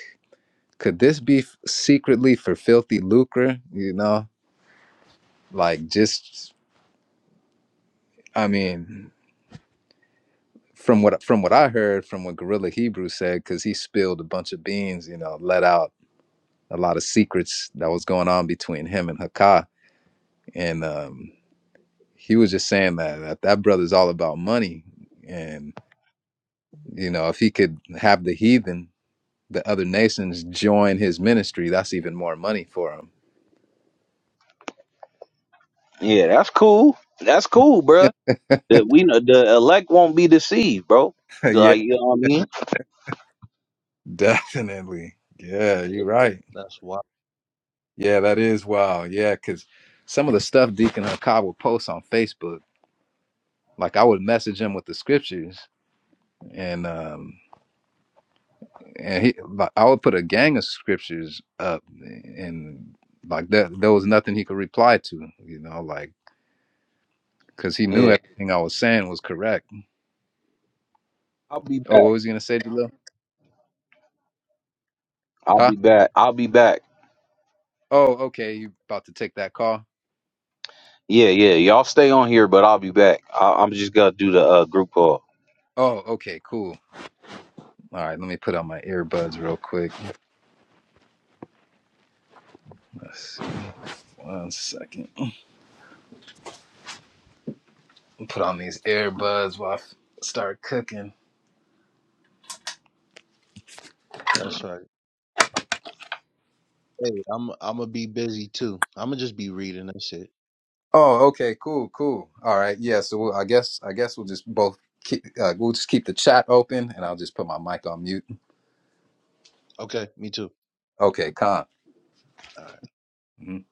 C: could this be f- secretly for filthy lucre? You know, like just I mean, from what from what I heard, from what Gorilla Hebrew said, because he spilled a bunch of beans, you know, let out a lot of secrets that was going on between him and Hakai and um, he was just saying that, that that brother's all about money and you know if he could have the heathen the other nations join his ministry that's even more money for him
B: Yeah, that's cool. That's cool, bro. That we know the elect won't be deceived, bro.
C: yeah
B: Like you know what I mean?
C: definitely yeah you're right
A: That's why.
C: yeah that is wild yeah because some of the stuff deacon Hakab would post on facebook like i would message him with the scriptures and um and he like, i would put a gang of scriptures up and like that there there was nothing he could reply to you know like because he knew
B: Yeah,
C: everything I was saying was correct.
B: I'll be
C: Oh,
B: back.
C: what was he gonna say, Jalil?
B: I'll
C: Huh?
B: be back. I'll be back.
C: Oh, okay. You about to take that call?
B: Yeah, yeah. Y'all stay on here, but I'll be back. I- I'm just gonna do the uh, group call.
C: Oh, okay, cool. All right, let me put on my earbuds real quick. Let's see, one second. Put on these earbuds while I f- start cooking.
A: That's right. Hey, I'm I'm gonna be busy too. I'm gonna just be reading. That's it.
C: Oh, okay, cool, cool. All right, yeah. So we'll, I guess I guess we'll just both keep uh, we'll just keep the chat open, and I'll just put my mic on mute.
A: Okay, me too.
C: Okay, con.
A: All right.
C: Mhm.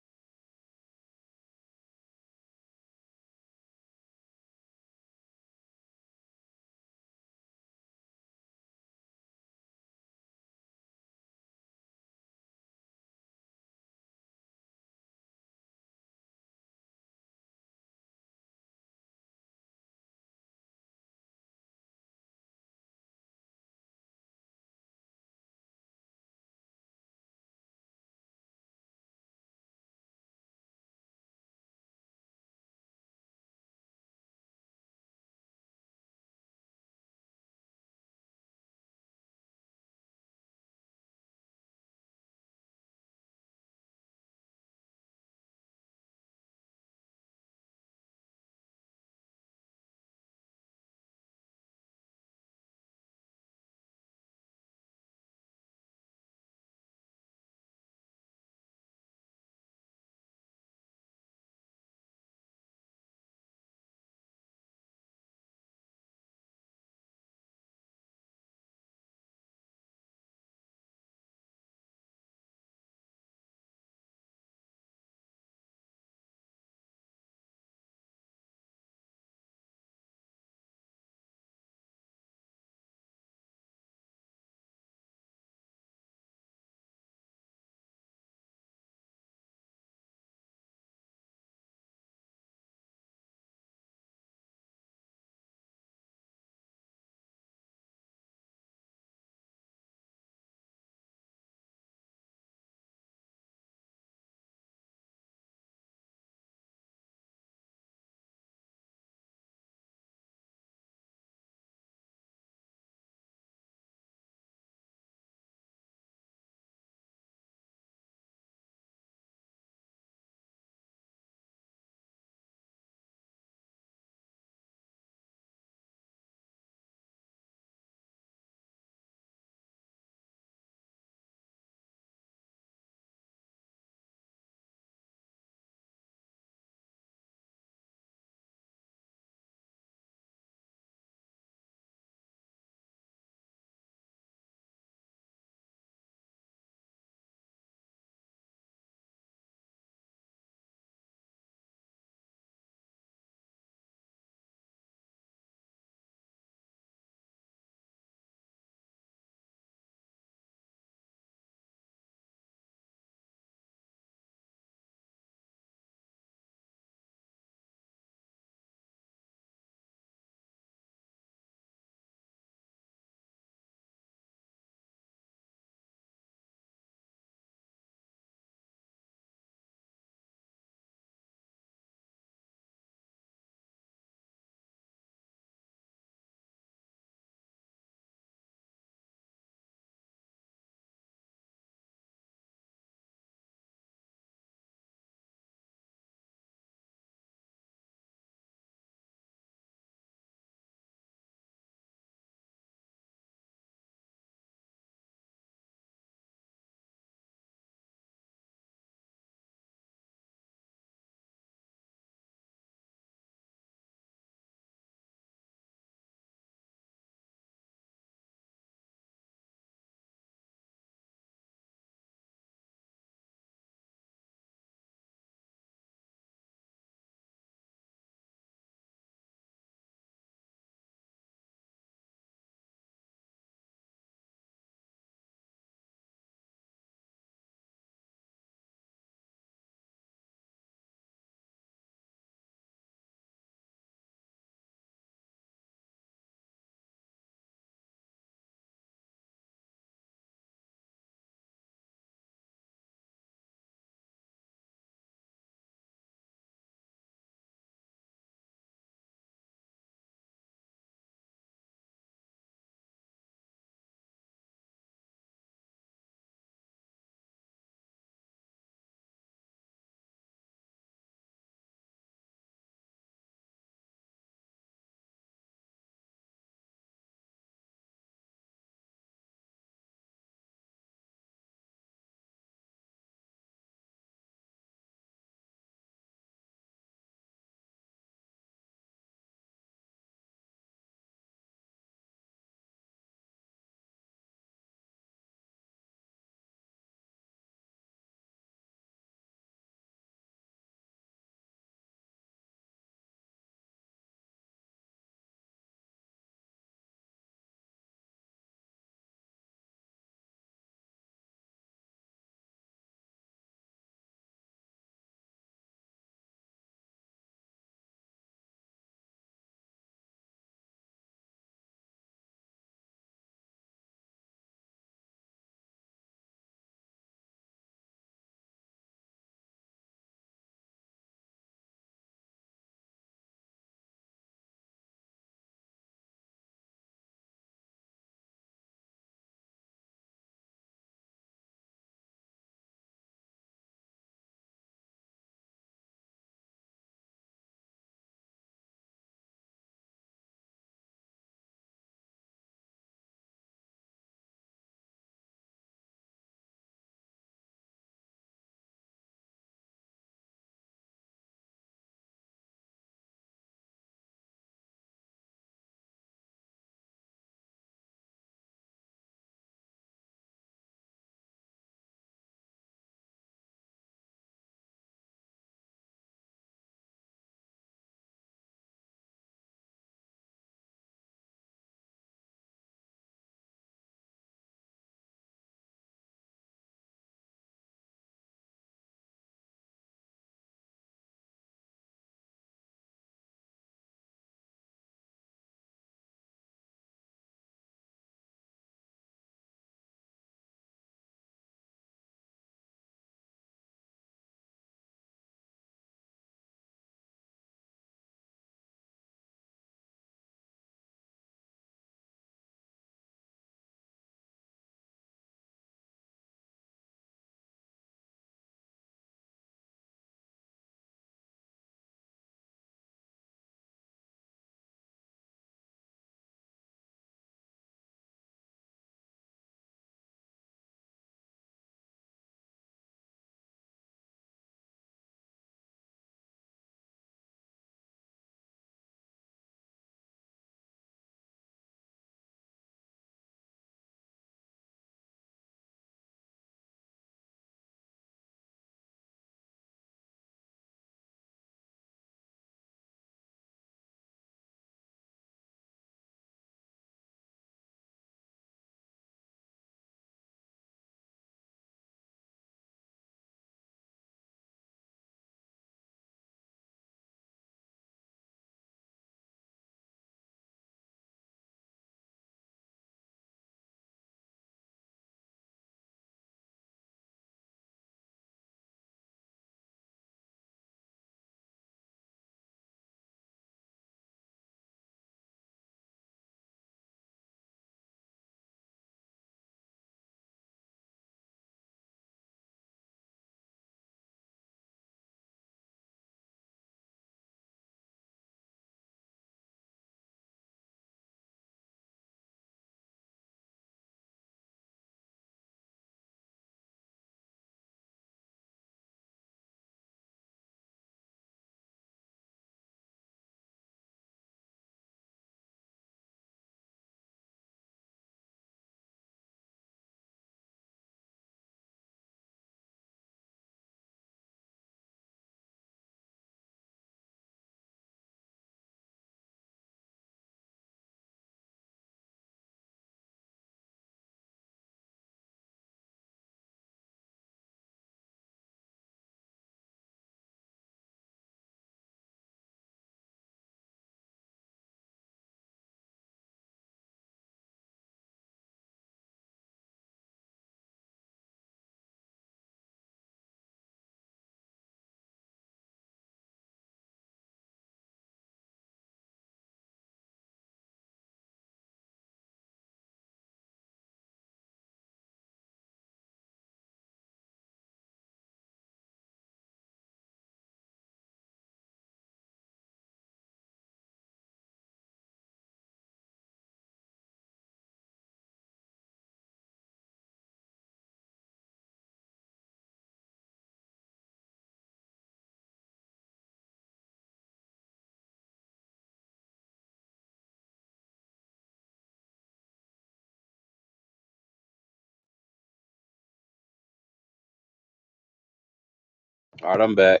B: All right, I'm back.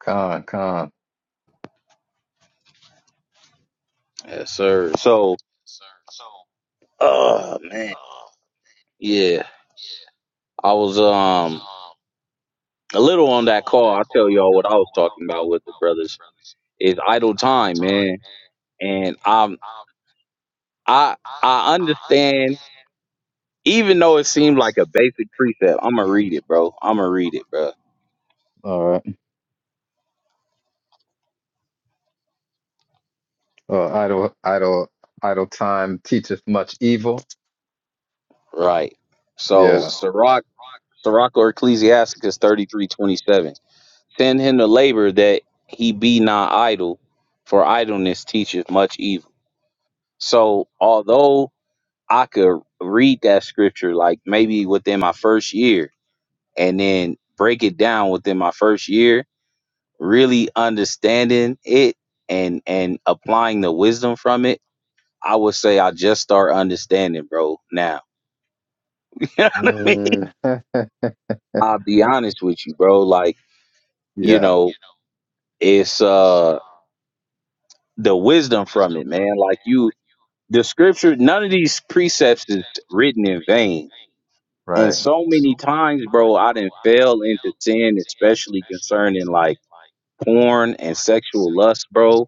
C: Con, con.
B: Yes, sir. So, oh man, yeah, I was um a little on that call. I'll tell y'all what I was talking about with the brothers. is idle time, man, and um, I I understand. Even though it seemed like a basic precept, I'm gonna read it, bro. I'm gonna read it, bro.
C: All right. Uh, idle, idle, idle time teacheth much evil.
B: Right. So,
C: Yeah.
B: Sirach, Sirach or Ecclesiasticus 33:27. Send him to labor that he be not idle, for idleness teacheth much evil. So, although I could read that scripture like maybe within my first year and then break it down within my first year, really understanding it and and applying the wisdom from it. I would say I just start understanding, bro, now. You know what I mean?
C: Mm,
B: I'll be honest with you, bro. Like, you
C: yeah.
B: know, it's uh the wisdom from it, man. Like you the scripture, none of these precepts is written in vain And
C: Right.
B: so many times, bro, I didn't fail into sin, especially concerning like porn and sexual lust, bro,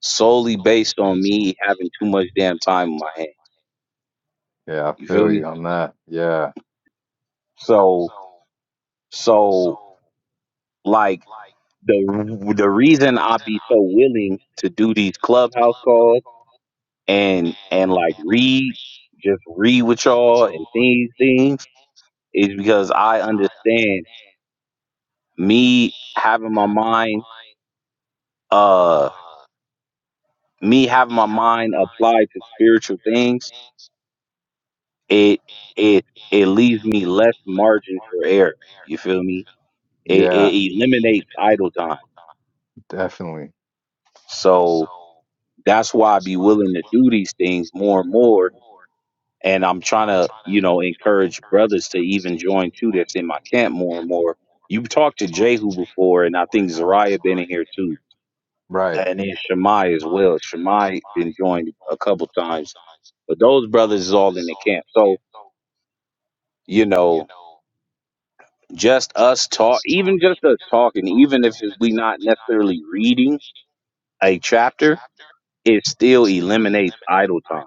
B: solely based on me having too much damn time on my hand.
C: Yeah. I
B: You feel
C: feel you
B: me?
C: on that. Yeah.
B: So, so like the the reason I be so willing to do these clubhouse calls and and like read, just read with y'all and these things is because I understand me having my mind. Uh, me having my mind applied to spiritual things, it it it leaves me less margin for error. You feel me? It,
C: Yeah.
B: it eliminates idle time.
C: Idle time. Definitely.
B: So that's why I be willing to do these things more and more. And I'm trying to, you know, encourage brothers to even join too that's in my camp more and more. You've talked to Jehu before, and I think Zariah been in here too.
C: Right.
B: And then Shemai as well. Shemai been joined a couple times. But those brothers is all in the camp. So you know Just us talk, even just us talking, even if we not necessarily reading a chapter, it still eliminates idle time.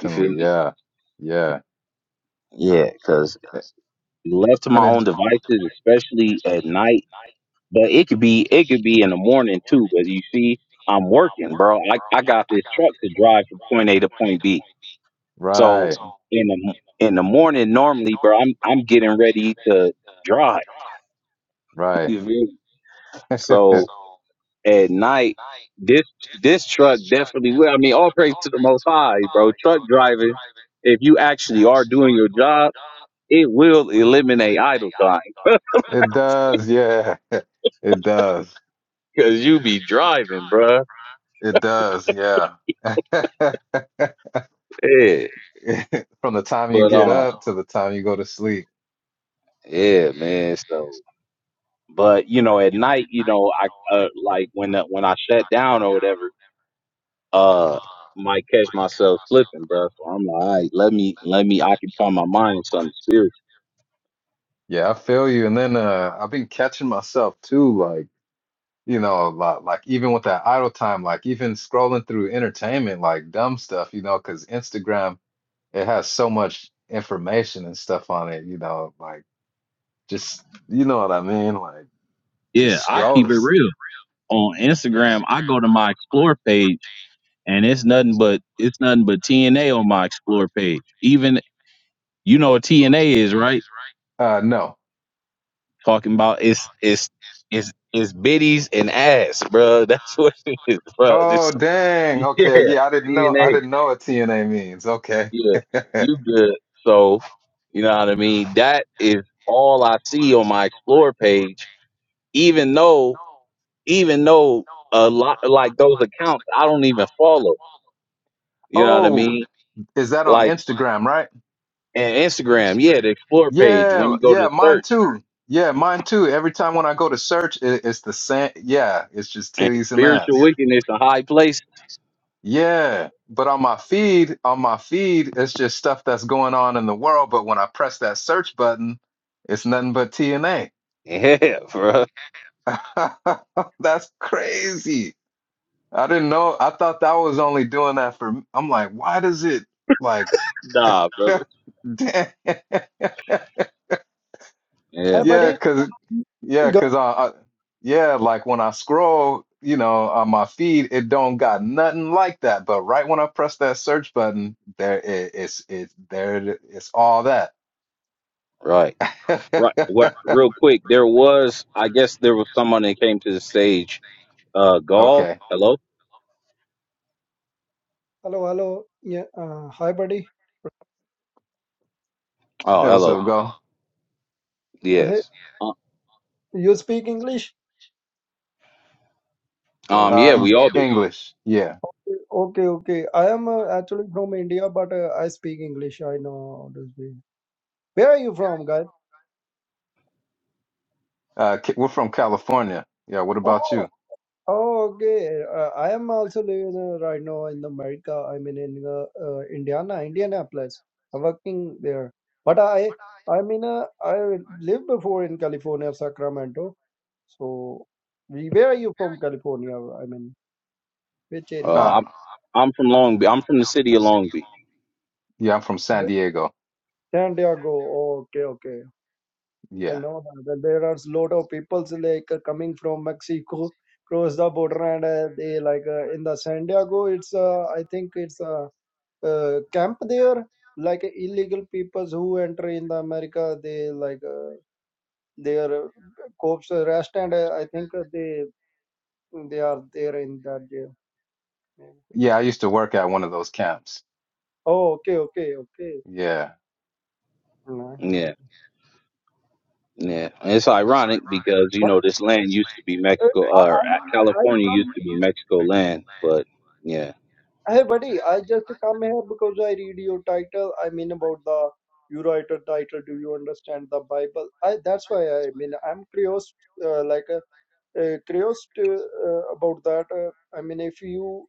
B: You feel me?
C: Yeah. Yeah.
B: Yeah, because
C: Because
B: left to
C: And
B: my
C: it's
B: own
C: it's my own
B: devices, especially at night,
C: device at night.
B: but it could be it could be in the morning too. But you see, I'm working, bro. I, I got this truck to drive from point A to point B.
C: Right.
B: So
C: So-
B: in the in the morning, normally, bro, I'm I'm getting ready to drive.
C: Right.
B: You feel me? So
C: So-
B: at night. This this truck definitely will. I mean, all praise to the Most High, bro. Truck driving, if you actually are doing your job, it will eliminate idle time
C: It does. Yeah. It does.
B: because you be driving, bro.
C: It does. Yeah. From
B: Yeah,
C: the time you
B: but
C: get
B: um,
C: up to the time you go to sleep.
B: yeah, man. So, but you know, at night, you know, I uh, like when that when I shut down or whatever, uh, might catch myself slipping, bro. So I'm like, all right, let me let me occupy my mind with something spiritual.
C: Yeah, I feel you. And then uh I've been catching myself too, like, you know, like, like even with that idle time, like even scrolling through entertainment, like dumb stuff, you know, because Instagram, it has so much information and stuff on it, you know, like just you know what I mean? Like just
B: Yeah, I
C: scroll.
B: keep it real. on Instagram, I go to my explore page and it's nothing but it's nothing but TNA on my explore page. Even you know what TNA is, right?
C: Uh no.
B: Talking about it's it's it's it's biddies and ass, bro. That's what it is, bro.
C: Oh
B: This
C: dang.
B: yeah,
C: Okay, yeah, I didn't know I
B: TNA.
C: didn't know what TNA means. Okay.
B: Yeah. You good. So, you know what I mean? That is all I see on my explore page, even though even though a lot like those accounts I don't even follow. You know what I
C: Oh,
B: mean?
C: is that on
B: Like
C: Instagram, right?
B: and Instagram, yeah, the explore page when
C: Yeah,
B: you go
C: yeah,
B: to
C: mine
B: search
C: too. Yeah, mine too. Every time when I go to search, it, it's the same. Yeah, it's just
B: and
C: titties and ass.
B: spiritual wickedness in high place.
C: Yeah, but on my feed, on my feed, it's just stuff that's going on in the world. But when I press that search button, it's nothing but TNA.
B: Yeah, bro.
C: That's crazy. I didn't know. I thought that was only doing that for. I'm like, why does it like?
B: Nah, brother.
C: Damn.
B: Yeah,
D: Hi,
C: Yeah,
B: man.
D: buddy.
C: cause yeah,
D: Good.
C: cause I, I yeah, like when I scroll, you know, on my feed, it don't got nothing like that. But right when I press that search button, there it, it's it's there it- it's all that.
B: Right. Right. What real quick, there was I guess there was someone that came to the stage. Uh Gaul.
C: Okay,
B: Hello?
D: Hello, hello. Yeah. Uh, hi, buddy.
B: Oh,
C: hey, what's
B: hello.
C: up, go?
D: Hey,
B: Yes. Uh,
D: you speak English? Uh,
B: um, yeah,
C: Uh,
B: we all do.
C: English, yeah.
D: okay, okay. okay. I am uh, actually from India, but uh, I speak English. I know how to speak. Where are you from, guys?
C: Uh, Ca- we're from California. Yeah, what about
D: Oh,
C: you?
D: oh, okay. Uh, I am also living uh, right now in America. I mean, in uh, uh, Indiana, Indianapolis. I'm working there. But I, I mean, uh, I lived before in California, Sacramento. So, we- where are you from, California? I mean. Which area?
B: Uh
C: Uh,
B: I'm I'm from Long Beach. I'm from the city of Long Beach.
C: yeah, I'm from San
D: Oh,
C: Diego.
D: Santiago. Oh, okay, okay. I
C: Yeah,
D: know that, that there are a lot of peoples like uh, coming from Mexico, cross the border, and uh, they like uh, in the Santiago. It's uh, I think it's a uh, uh, camp there. Like uh, illegal peoples who enter in the America, they like uh, they are uh, cops arrest, and uh, I think uh, they they are there in that jail. Yeah.
C: yeah. I used to work at one of those camps.
D: Oh, okay, okay, okay.
C: Yeah.
D: Nice.
B: Yeah. Yeah, and it's ironic because you
D: But
B: know this land used to be
D: uh,
B: Mexico,
D: I,
B: or
D: I
B: uh,
D: mean, I
B: California
D: come
B: used to be Mexico land, but yeah,
D: Hey buddy, I just come here because I read your title. I mean about the you write a title. Do you understand the Bible? I that's why I mean I'm curious, uh, like a, uh, curious to, uh, about that. Uh, I mean if you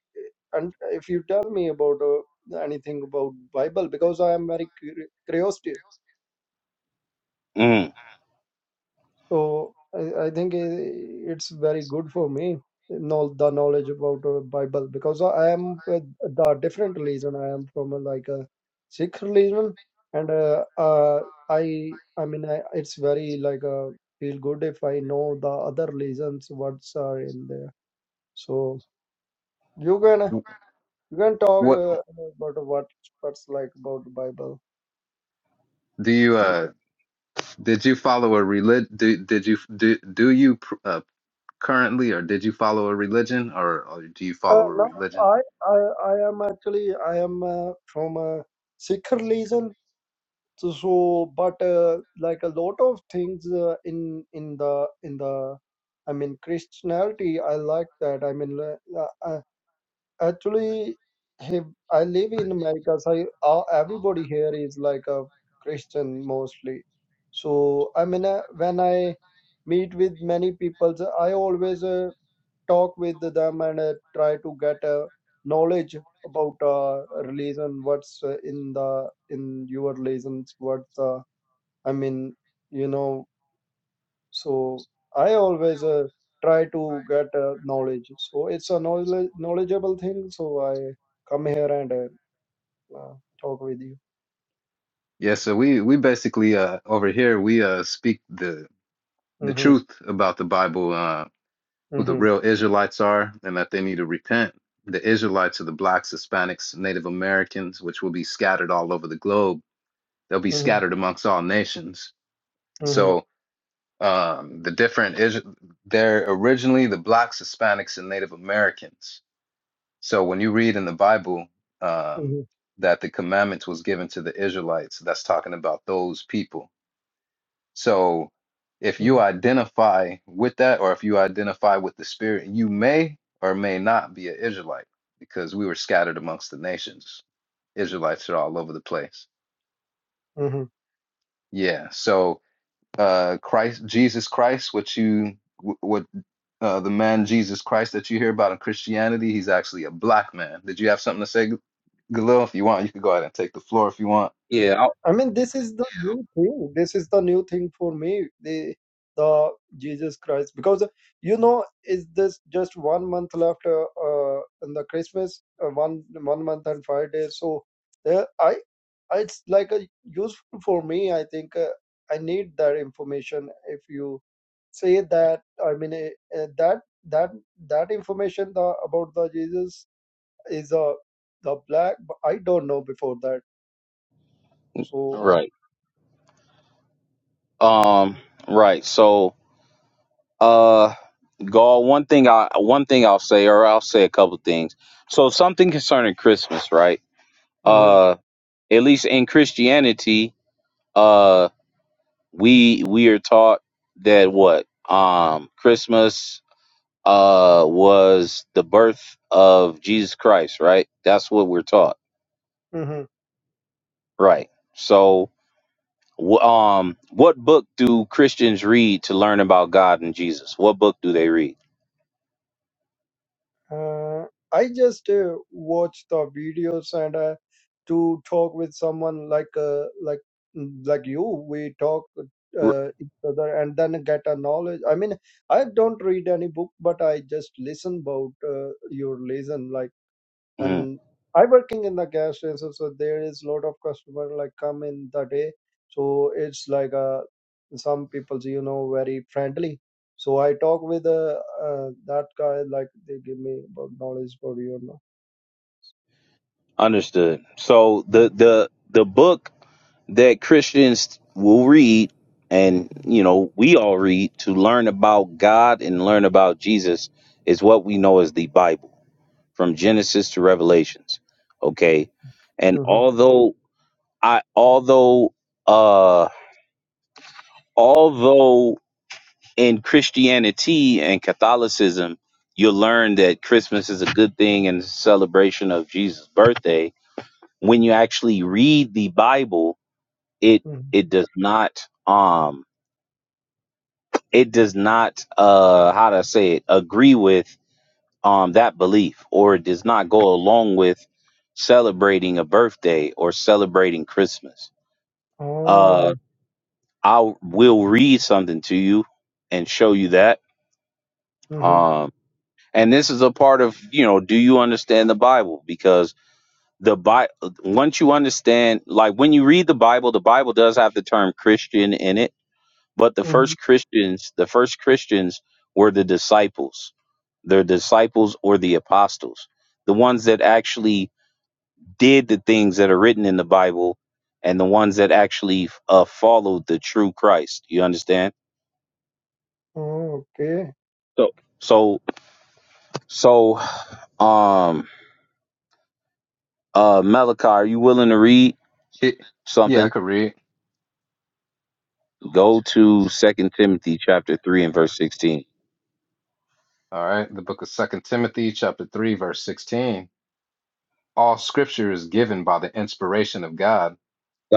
D: and if you tell me about uh, anything about Bible because I am very curi- curious.
B: Mm,
D: So I, I think i- it's very good for me, know the knowledge about uh, Bible because I am uh, the different religion. I am from uh, like a Sikh religion, and uh, uh, I I mean I, it's very like uh, feel good if I know the other religions what's are in there. So you can uh,
C: Wh-
D: you can talk
C: What
D: uh, about what what's like about Bible.
C: do you uh? Did you follow a religion? Do, did you do, do you uh, currently, or did you follow a religion, or, or do you
D: Uh,
C: follow a?
D: no,
C: Re-
D: I, I I am actually I am uh, from a Sikh religion so so but uh, like a lot of things uh, in in the in the i mean christianity i like that i mean uh, uh, actually he- i live in america so I, uh, everybody here is like a christian mostly so i mean uh, when i meet with many people so i always uh, talk with them and uh, try to get uh, knowledge about uh, religion what's uh, in the in your religions what's uh, I mean, you know, so I always uh, try to get uh, knowledge. So it's a knowledge, knowledgeable thing. So I come here and uh, uh, talk with you.
C: yeah, so we we basically uh over here we uh speak the the
D: Mm-hmm,
C: truth about the Bible, uh, who the
D: mm-hmm,
C: real Israelites are, and that they need to repent. The Israelites are the blacks, Hispanics, Native Americans, which will be scattered all over the globe. They'll be
D: mm-hmm,
C: scattered amongst all nations.
D: mm-hmm,
C: So um, the different is they're originally the blacks, Hispanics, and Native Americans So when you read in the Bible um,
D: mm-hmm,
C: that the commandments was given to the Israelites, that's talking about those people. So if
D: mm-hmm,
C: you identify with that, or if you identify with the Spirit, you may or may not be an Israelite because we were scattered amongst the nations. Israelites are all over the place.
D: Mm-hmm.
C: Yeah. So uh, Christ, Jesus Christ, what you wh- what uh, the man Jesus Christ that you hear about in Christianity, he's actually a black man. Did you have something to say, Galil, if you want, you could go ahead and take the floor if you want.
B: yeah,
D: I mean, this is the new thing. This is the new thing for me. The the Jesus Christ, because you know, is this just one month left uh, uh, in the Christmas? Uh, one one month and five days. So there, I I- it's like a useful for me. I think uh, I need that information. If you say that, I mean uh, uh, that that that information the, about the Jesus is uh, the black. But I don't know before that.
B: I-
D: So.
B: right. Um, right. So, uh, Gaul, one thing I one thing I'll say, or I'll say a couple things. So, something concerning Christmas, right?
D: hmm
B: Uh, at least in Christianity, uh, we we are taught that what um Christmas uh was the birth of Jesus Christ, right? That's what we're taught, right? So, Wh- Um, what book do Christians read to learn about God and Jesus? What book do they read?
D: Uh, I just uh, watch the videos and uh, to talk with someone like uh, like mm, like you. We talk
B: R-
D: uh, each other and then get a knowledge. I mean, I don't read any book, but I just listen about uh, your lesson. like
B: mm,
D: when I working in the gas station, so there is lot of customer like come in the day. So it's like uh, some people you know very friendly. So I talk with uh, uh, that guy like they give me about knowledge for you know.
B: understood. So the the the book that Christians will read, and you know we all read to learn about God and learn about Jesus, is what we know as the Bible, from Genesis to Revelations. Okay, and
D: Mm-hmm.
B: although I although uh although in Christianity and Catholicism, you'll learn that Christmas is a good thing and a celebration of Jesus' birthday. When you actually read the Bible, it
D: hmm
B: it does not um it does not uh how do I say it agree with um that belief or it does not go along with celebrating a birthday or celebrating Christmas.
D: Oh.
B: Uh I will read something to you and show you that.
D: hmm
B: um, and this is a part of you know do you understand the bible because the Bible, once you understand like when you read the bible the bible does have the term christian in it but the
D: hmm
B: first christians the first christians were the disciples the disciples or the apostles the ones that actually did the things that are written in the bible and the ones that actually uh, followed the true christ you understand
D: Oh, okay.
B: so so so um uh malachi are you willing to read
C: It- yeah, I
B: something,
C: could read.
B: go to Second Timothy chapter three and verse sixteen.
C: All right. The book of Second Timothy, chapter 3, verse 16. All scripture is given by the inspiration of God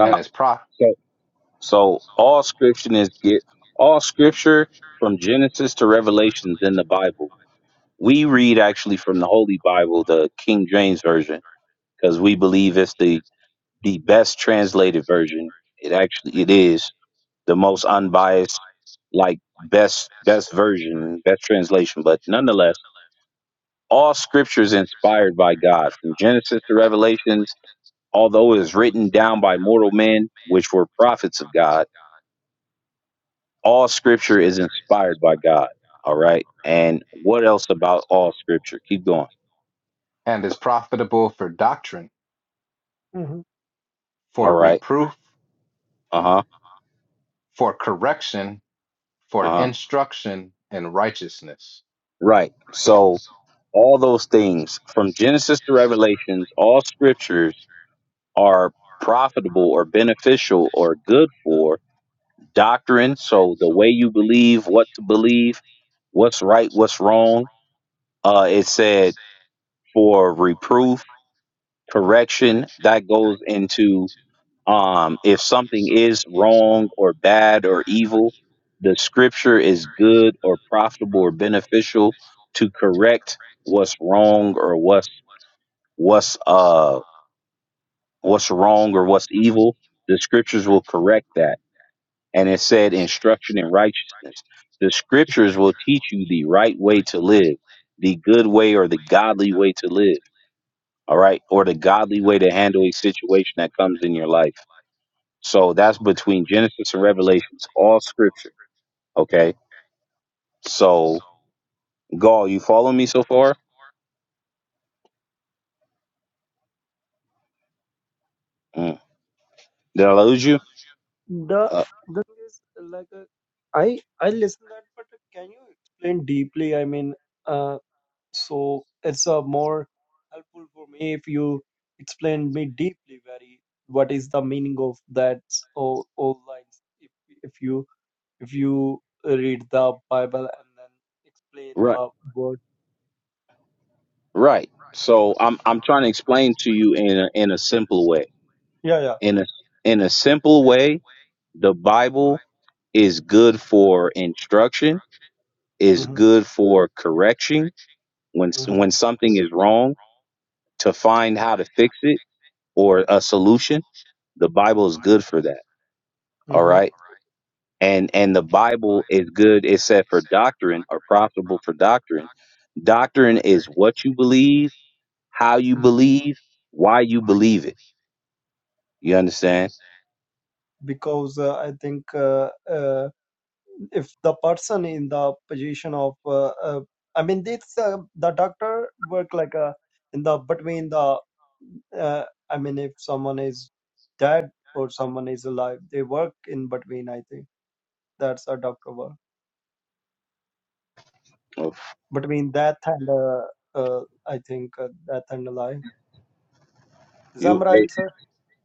C: and is pro-
B: So, so all scripture is get all scripture from Genesis to Revelations in the Bible. We read actually from the Holy Bible, the King James version, because we believe it's the the best translated version. It actually it is the most unbiased, like best best version, best translation. But nonetheless, all scripture is inspired by God from Genesis to Revelations although it is written down by mortal men, which were prophets of God, all scripture is inspired by God. All right. And what else about all scripture? Keep going.
C: and is profitable for doctrine,
D: hmm
B: All
C: for
B: right.
C: reproof,
B: Uh huh.
C: for correction, for
B: Uh huh.
C: instruction in righteousness.
B: Right. So, all those things from Genesis to Revelations, all scriptures are profitable or beneficial or good for doctrine. So, the way you believe, what to believe, what's right, what's wrong. Uh, it said for reproof, correction that goes into um if something is wrong or bad or evil the scripture is good or profitable or beneficial to correct what's wrong or what's what's uh what's wrong or what's evil the scriptures will correct that and it said instruction in righteousness the scriptures will teach you the right way to live the good way or the godly way to live all right or the godly way to handle a situation that comes in your life So that's between Genesis and Revelations, all scripture. Okay. So, Gaul, you follow me so far? Mm. Did I lose you?
D: The
B: Uh,
D: the thing is like uh, I I listen that, but can you explain deeply? I mean. uh, So it's uh, more helpful for me if you explain me deeply very what is the meaning of that all, all lines if if you if you read the Bible and then explain
B: right.
D: the word.
B: Right. So I'm I'm trying to explain to you in a, in a simple way.
D: Yeah, yeah.
B: In a in a simple way, the Bible is good for instruction, is good for correction when s- when
D: hmm
B: something is wrong to find how to fix it or a solution. The Bible is good for that. All
D: hmm
B: right and and the bible is good it said for doctrine or profitable for doctrine doctrine is what you believe how you
D: hmm
B: believe why you believe it you understand
D: Because uh, I think uh, uh, if the person in the position of uh, uh, i mean this uh, the doctor work like a in the between the uh, i mean if someone is dead or someone is alive they work in between i think that's a doctor work
B: Oh,
D: between death and uh, uh, i think uh, death and alive is that
B: you
D: right
B: hey,
D: sir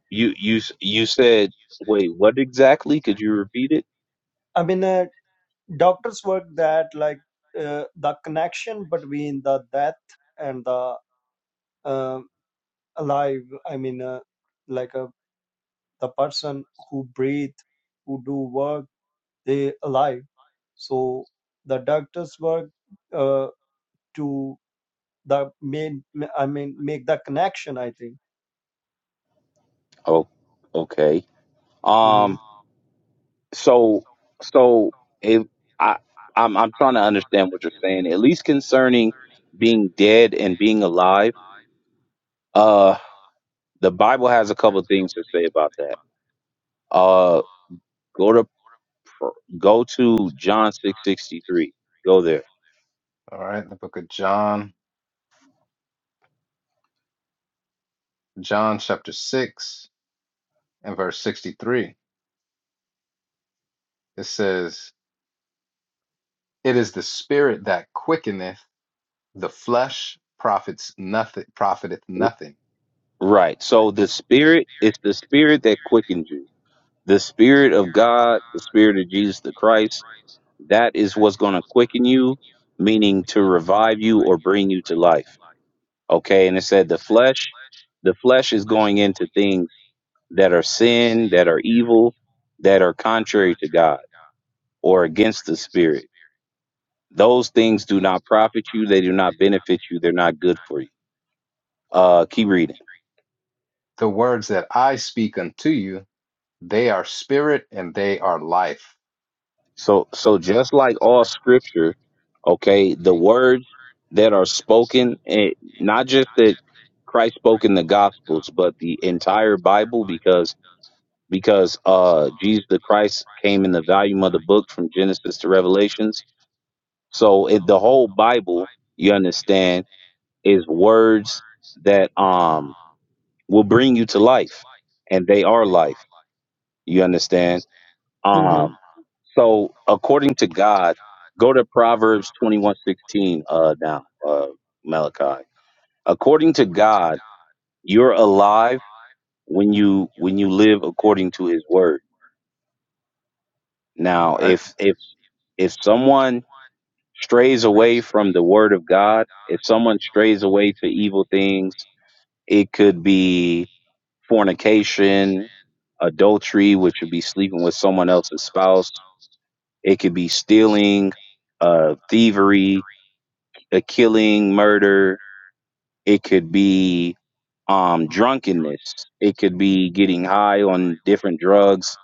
B: you you s- you said wait what exactly could you repeat it
D: i mean uh, doctors work that like uh, the connection between the death and the uh, alive i mean uh, like a the person who breathe, who do work, they alive. So the doctors work uh, to the main. I mean, make the connection. I think.
B: oh okay
D: hmm
B: um so so if i i'm i'm trying to understand what you're saying at least concerning being dead and being alive uh the bible has a couple of things to say about that Uh, go to pr- go to John six sixty three. Go there.
C: All right. The book of John, John chapter 6 and verse 63. It says, It is the spirit that quickeneth The flesh profits nothing profiteth nothing.
B: Right. So the spirit it's the spirit that quickens you. The spirit of God, the spirit of Jesus the Christ. That is what's going to quicken you, meaning to revive you or bring you to life. Okay. And it said the flesh, the flesh is going into things that are sin, that are evil, that are contrary to God or against the spirit. Those things do not profit you. They do not benefit you. They're not good for you. Uh, keep reading.
C: The words that I speak unto you, they are spirit and they are life.
B: So, so just like all scripture, okay, the words that are spoken, eh, not just that Christ spoke in the Gospels, but the entire Bible, because because uh, Jesus the Christ came in the volume of the book from Genesis to Revelations. So, it, the whole Bible, you understand, is words that um will bring you to life, and they are life. You understand?
D: Mm-hmm.
B: Um, so according to God, go to Proverbs twenty one sixteen. uh, now, uh, Malachi. According to God, you're alive when you, when you live according to his word. Now,
C: All right.
B: if, if, if someone strays away from the word of God, if someone strays away to evil things, it could be fornication, adultery, which would be sleeping with someone else's spouse, It could be stealing, uh, thievery, a killing, murder. It could be um, drunkenness. It could be getting high on different drugs.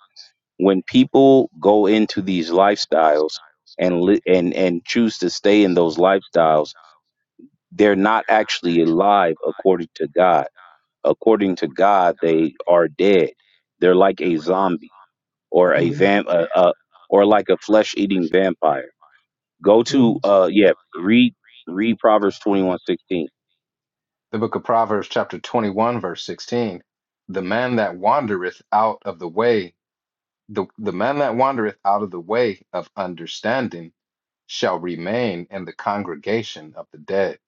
B: When people go into these lifestyles and li- and and choose to stay in those lifestyles, they're not actually alive according to God. According to God, they are dead. They're like a zombie or a
D: Mm-hmm.
B: vamp, uh, uh, or like a flesh-eating vampire Go to
D: Mm-hmm.
B: uh yeah, read read Proverbs twenty one sixteen.
C: The book of Proverbs, chapter 21, verse 16. The man that wandereth out of the way, the, the man that wandereth out of the way of understanding shall remain in the congregation of the dead.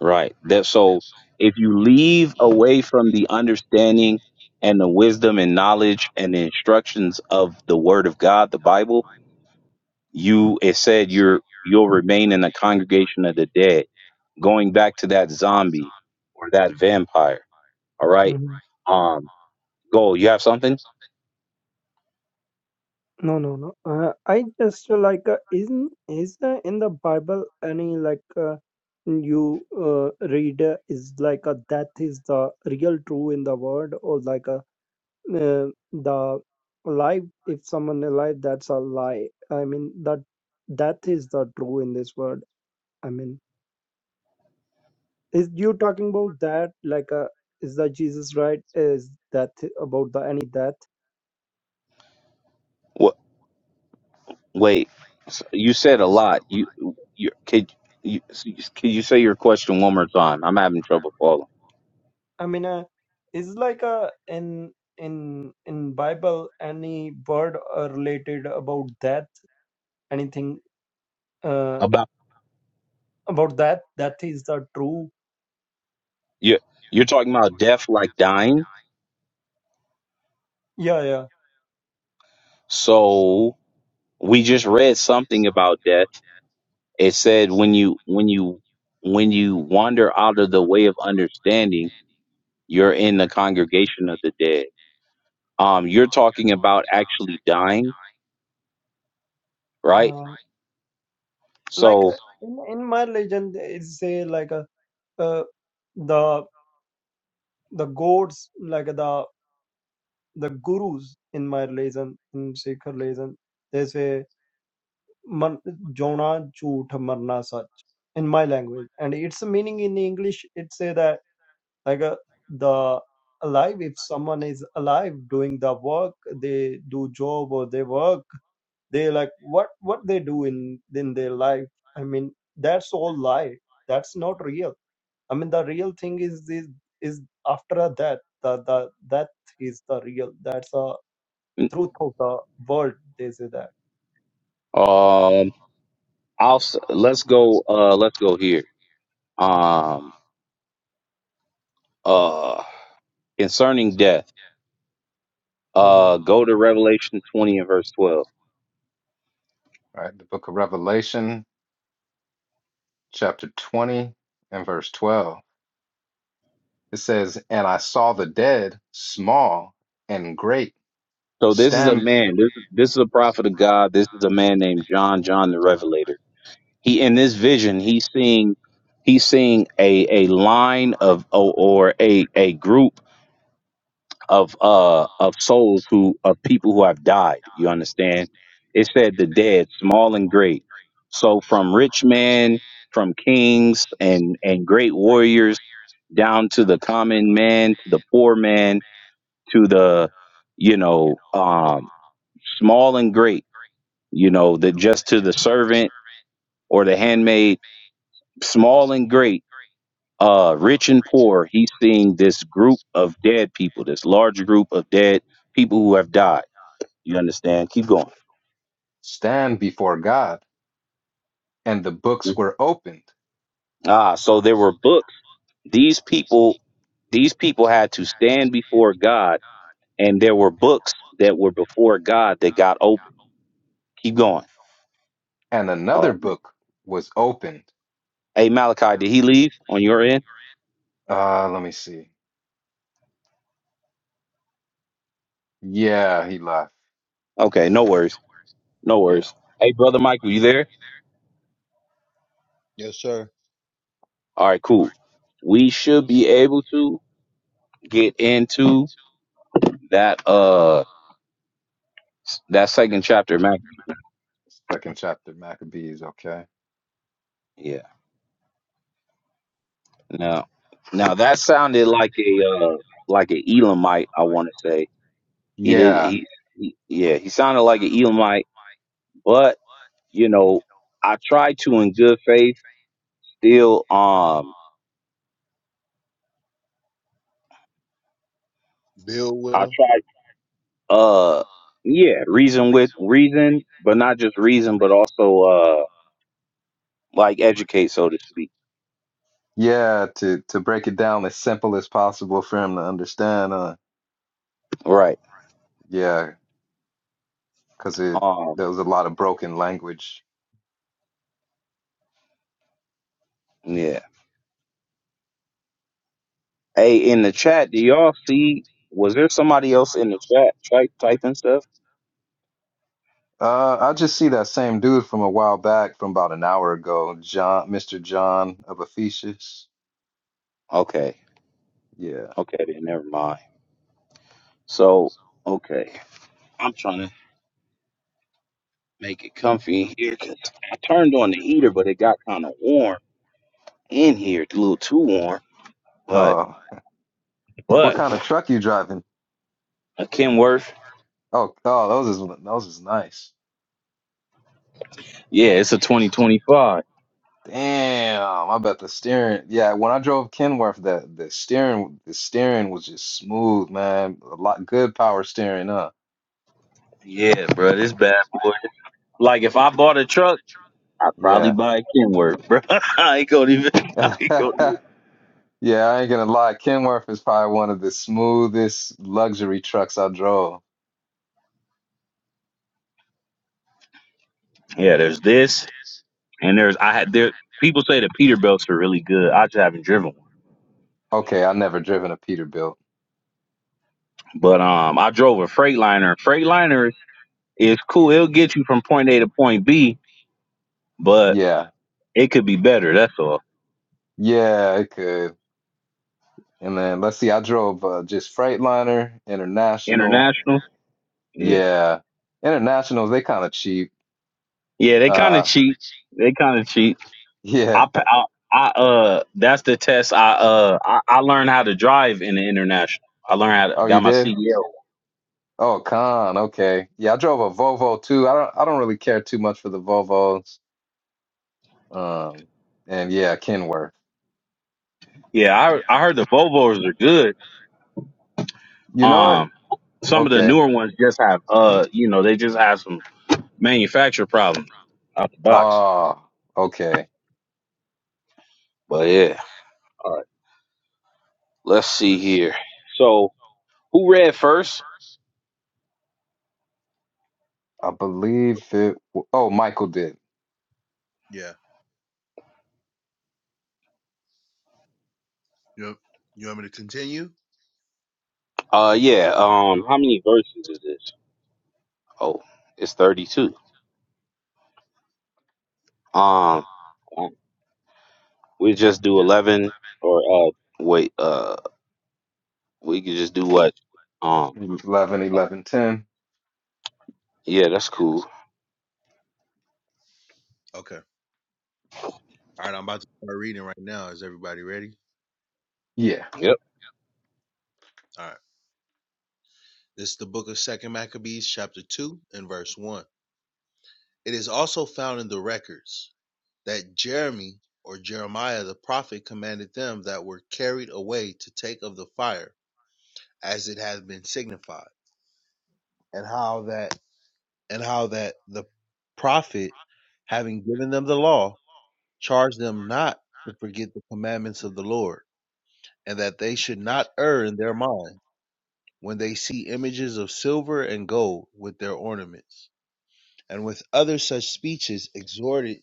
B: Right. That so if you leave away from the understanding and the wisdom and knowledge and the instructions of the word of God, the Bible, you it said you're you'll remain in the congregation of the dead, going back to that zombie or that vampire. All right.
D: Mm-hmm.
B: Um, go, you have something?
D: No, no, no. Uh, I just uh, like uh, isn't is there in the Bible any like uh, you uh, read uh, is like a death is the real true in the world or like uh, uh, the life if someone alive that's a lie i mean that death is the true in this world i mean is you talking about that like uh is that jesus right is that about the any death
B: Wait, s- you said a lot. You, you could you could you say your question one more time? I'm having trouble following.
D: i mean uh, is like a in in in bible any word uh, related about death anything uh
B: About
D: about that that is the true
B: you, you're talking about death like dying.
D: yeah yeah
B: So we just read something about death. It said when you when you when you wander out of the way of understanding, you're in the congregation of the dead. Um, you're talking about actually dying, right?
D: uh, like
B: So,
D: uh, in, in my legend it say like a uh, the the gods like the the gurus in my religion in Sikh religion they say man, jona jhoot marna sach in my language and its meaning in English it say that like uh, the alive if someone is alive doing the work they do job or they work they like what what they do in in their life I mean that's all lie that's not real I mean, the real thing is is, is after a death. The the death is the real. That's the
B: um,
D: truth of the world. They say that.
B: I'll s- let's go. Uh, let's go here. Um. uh concerning death
D: Mm-hmm.
B: uh go to revelation 20 and verse 12
C: All right. The book of Revelation, chapter 20 and verse 12. It says, And I saw the dead, small and great
B: so this is a
C: Stand,
B: man this, this is a prophet of god this is a man named john john the revelator he in this vision he's seeing he's seeing a a line of or, or a a group of uh of souls who of people who have died. You understand? It said the dead, small and great. So from rich men, from kings and and great warriors, down to the common man, to the poor man, to the you know um, small and great. You know that just to the servant or the handmaid, small and great. Uh, rich and poor, he's seeing this group of dead people, this large group of dead people who have died You understand? Keep going.
C: stand before God. And the books were opened,
B: Ah, so there were books. These people, these people had to stand before God, and there were books that were before God that got open. Keep going.
C: and another
B: Um,
C: book was opened.
B: hey, Malachi, did he leave on your end?
C: Uh, let me see. Yeah, he left.
B: Okay, no worries, no
C: Yeah.
B: worries. Hey, brother Michael, you there?
A: Yes, sir.
B: All right, cool. We should be able to get into that uh s- that second chapter, of Maccabees.
C: Second chapter, Maccabees. Okay.
B: Yeah. Now, now that sounded like a uh like an Elamite. I want to say He did.
C: Yeah.
B: He, he yeah. He sounded like an Elamite, but you know, I tried to in good faith. Still, um,
A: Build with
B: I
A: him.
B: tried. Uh, yeah, reason with reason, but not just reason, but also uh, like educate, so to speak.
C: Yeah. To to break it down as simple as possible for him to understand. Uh,
B: Right.
C: yeah, because it
B: Um.
C: there was a lot of broken language.
B: Yeah. Hey, in the chat, do y'all see? Was there somebody else in the chat type typing stuff?
C: Uh, I just see that same dude from a while back, from about an hour ago, John, Mr. John of Ephesus.
B: Okay.
C: Yeah.
B: Okay. Then never mind. So okay. I'm trying to. make it comfy in here 'cause I turned on the heater, but it got kind of warm in here. It's a little too warm. But
C: Uh, What kind of
B: but
C: truck you driving?
B: a Kenworth,
C: Oh, oh, those is those is nice.
B: yeah, it's a 2025.
C: Damn, I bet the steering. Yeah, when I drove Kenworth, the the steering the steering was just smooth, man. A lot good power steering, huh?
B: Yeah, bro, this bad boy. Like if I bought a truck, I'd probably
C: Yeah.
B: buy a Kenworth, bro. I ain't gonna even. I ain't gonna even.
C: Yeah, I ain't gonna lie. Kenworth is probably one of the smoothest luxury trucks I drove.
B: Yeah, there's this, and there's I had there. People say the Peterbilts are really good. I just haven't driven one,
C: Okay, I never driven a Peterbilt.
B: but um, I drove a Freightliner. Freightliner is cool. It'll get you from point A to point B, but
C: Yeah,
B: It could be better. That's all.
C: yeah, it could. And then let's see, I drove uh, just Freightliner, International.
B: International. Yeah.
C: Yeah. Internationals, they kind of cheap.
B: Yeah. They kind of
C: Uh,
B: cheat. They kind of cheat.
C: yeah.
B: I, pa- I. I. Uh. That's the test. I. Uh. I, I learned how to drive in the international. I learned how
C: Oh,
B: to
C: you
B: got my
C: did?
B: CDL.
C: Oh, con. Okay. Yeah, I drove a Volvo too. I don't I don't really care too much for the Volvos. Um, and yeah, Kenworth.
B: Yeah. I. I heard the Volvos are good.
C: You know what?
B: Um. Some of the
C: Okay.
B: newer ones just have. Uh. You know. They just have some manufacturer problems out the box.
C: Oh, okay.
B: But yeah. All right. Let's see here. So who read first?
C: I believe it. w- Oh, Michael did.
A: Yeah. Yep. you want me to continue?
B: Uh. Yeah. Um. How many verses is this? Oh, it's 32. Um, we just do 11 or uh, wait, uh, we could just do what? Um,
C: 11, 11, 10.
B: yeah, that's cool.
A: Okay. All right. I'm about to start reading right now. Is everybody ready?
C: Yeah.
B: Yep.
A: All right. This is the book of Second Maccabees, chapter two and verse one. It is also found in the records that Jeremy or Jeremiah the prophet commanded them that were carried away to take of the fire, as it has been signified, and how that and how that the prophet, having given them the law, charged them not to forget the commandments of the Lord and that they should not err in their mind when they see images of silver and gold with their ornaments. And with other such speeches exhorted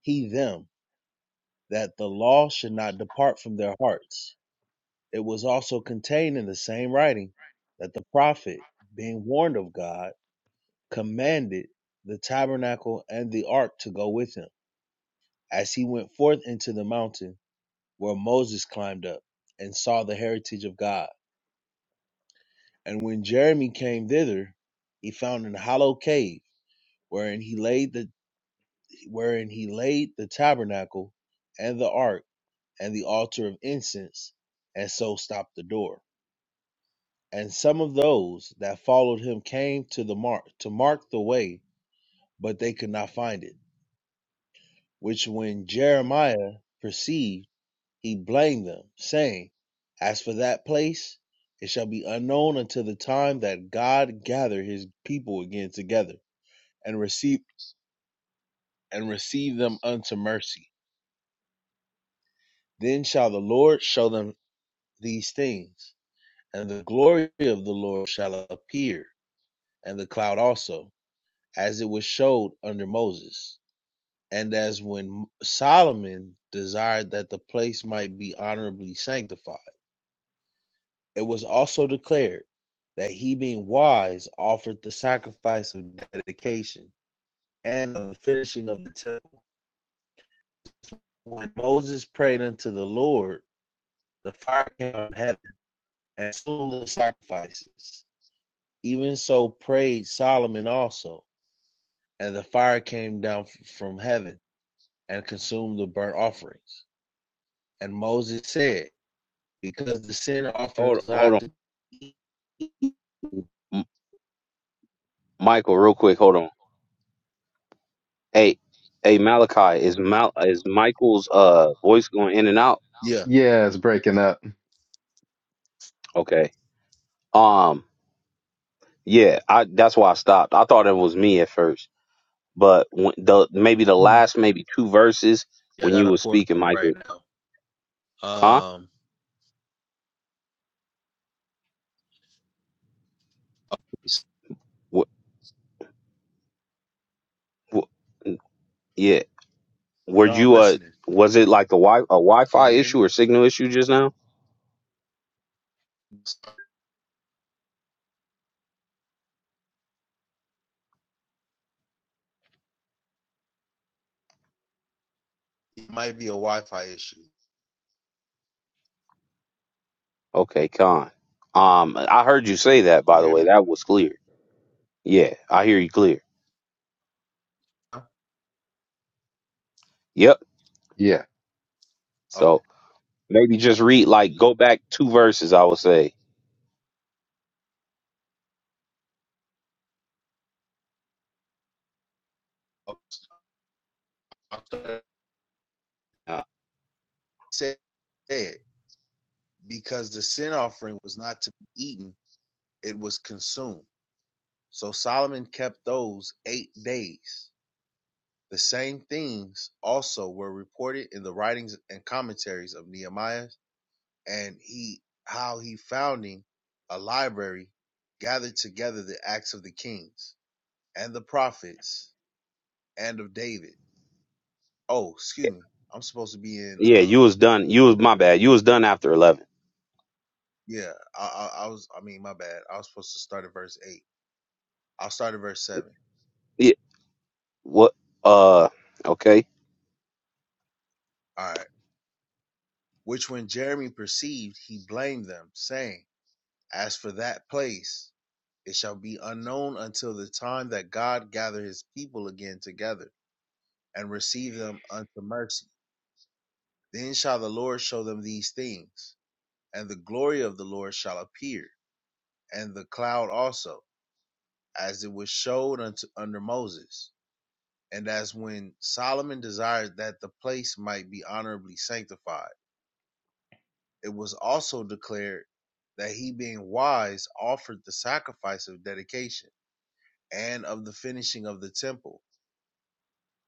A: he them that the law should not depart from their hearts. It was also contained in the same writing that the prophet, being warned of God, commanded the tabernacle and the ark to go with him, as he went forth into the mountain where Moses climbed up and saw the heritage of God And when Jeremy came thither, he found an hollow cave, wherein he laid the wherein he laid the tabernacle and the ark and the altar of incense, and so stopped the door. And some of those that followed him came to the mark to mark the way, but they could not find it. Which when Jeremiah perceived, he blamed them, saying, As for that place, it shall be unknown until the time that God gather his people again together and receive and receive them unto mercy. Then shall the Lord show them these things, and the glory of the Lord shall appear, and the cloud also, as it was showed under Moses, and as when Solomon desired that the place might be honorably sanctified. It was also declared that he being wise offered the sacrifice of dedication and of the finishing of the temple. When Moses prayed unto the Lord, the fire came out of heaven and soon little sacrifices. Even so prayed Solomon also, and the fire came down from heaven and consumed the burnt offerings. And Moses said, Because the sin
B: Hold,
A: offers
B: hold
A: not
B: on,
A: to Yeah,
B: M- Michael, real quick. Hold on. Hey, hey, Malachi, is Mal is Michael's uh voice going in and out?
A: yeah,
C: Yeah, it's breaking up.
B: Okay. Um, yeah, I that's why I stopped. I thought it was me at first, but when the maybe the
C: Mhm.
B: last maybe two verses
A: I
B: when
A: got
B: you
A: a
B: were
A: pour
B: speaking,
A: right
B: Michael,
A: now.
B: huh?
A: Um
B: What? what yeah, Were
A: no, I'm
B: you uh
A: listening.
B: was it like a wi a
A: Can
B: Wi-Fi
A: you hear me?
B: issue or signal issue just now?
A: It might be a Wi Fi issue.
B: Okay, con. Um, I heard you say that by
A: You
B: the
A: hear
B: way.
A: me?
B: That was clear. Yeah, I hear you clear.
A: Huh?
B: Yep.
C: Yeah.
A: Okay.
B: So maybe just read like go back two verses. I would say.
A: okay. So, I
B: Uh,
A: said, because the sin offering was not to be eaten, it was consumed. So Solomon kept those eight days. The same things also were reported in the writings and commentaries of Nehemiah, and he how he founding a library gathered together the acts of the kings and the prophets and of David. Oh, excuse me. I'm supposed to be in.
B: yeah,
A: Uh,
B: you was done. You was my bad. You was done after eleven.
A: yeah, I, I, I was. I mean, my bad. I was supposed to start at verse eight. I'll start at verse seven.
B: Yeah. What? Uh. Okay.
A: All right. Which when Jeremy perceived, he blamed them, saying As for that place, it shall be unknown until the time that God gather his people again together and receive them unto mercy. Then shall the Lord show them these things, and the glory of the Lord shall appear, and the cloud also, as it was showed unto under Moses. And as when Solomon desired that the place might be honorably sanctified, it was also declared that he being wise offered the sacrifice of dedication and of the finishing of the temple.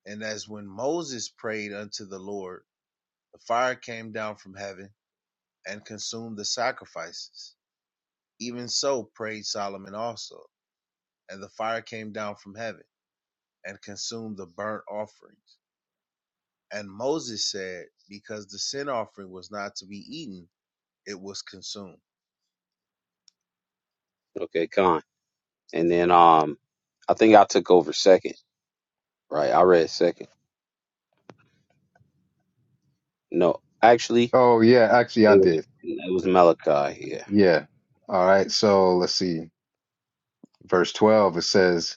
A: And as when Moses prayed unto the Lord, the fire came down from heaven and consumed the sacrifices. Even so prayed Solomon also, and the fire came down from heaven and consumed the burnt offerings. And Moses said, Because the sin offering was not to be eaten, it was consumed.
B: Okay, con. And then um, I think I took over second. Right. I read second. No, actually,
C: Oh, yeah, actually I
B: it was
C: did.
B: it was Malachi. Yeah.
C: Yeah. All right. So let's see. Verse 12, it says,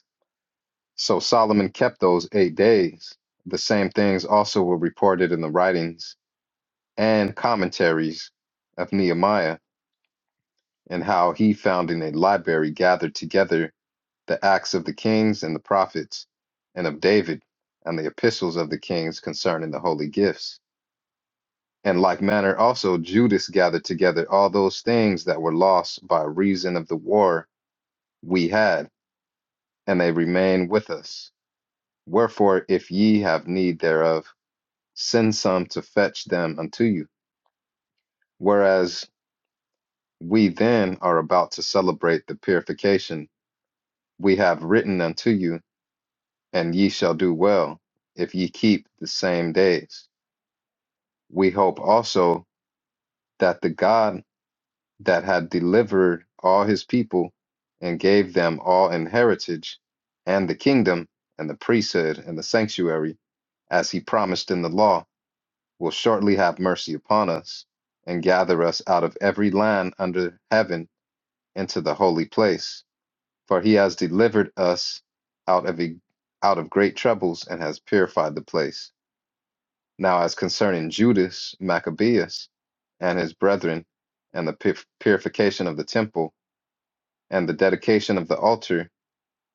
C: So Solomon kept those eight days. The same things also were reported in the writings and commentaries of Nehemiah, and how he found in a library gathered together the acts of the kings and the prophets, and of David, and the epistles of the kings concerning the holy gifts. In like manner also Judas gathered together all those things that were lost by reason of the war we had, and they remain with us. Wherefore, if ye have need thereof, send some to fetch them unto you. Whereas we then are about to celebrate the purification we have written unto you, and ye shall do well if ye keep the same days. We hope also that the God that had delivered all his people and gave them all in heritage and the kingdom and the priesthood and the sanctuary, as he promised in the law, will shortly have mercy upon us, and gather us out of every land under heaven into the holy place. For he has delivered us out of a, out of great troubles and has purified the place. Now, as concerning Judas Maccabeus and his brethren, and the pur- purification of the temple, and the dedication of the altar,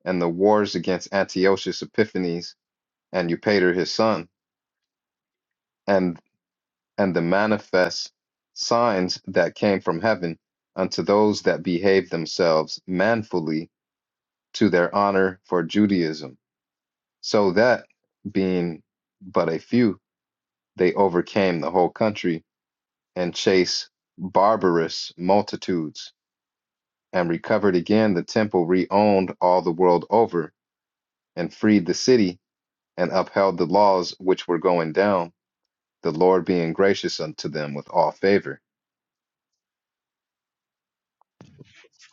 C: and the wars against Antiochus Epiphanes and Eupator his son, and and the manifest signs that came from heaven unto those that behave themselves manfully to their honor for Judaism, so that, being but a few, they overcame the whole country and chased barbarous multitudes, and recovered again the temple reowned all the world over, and freed the city, and upheld the laws which were going down, the Lord being gracious unto them with all favor.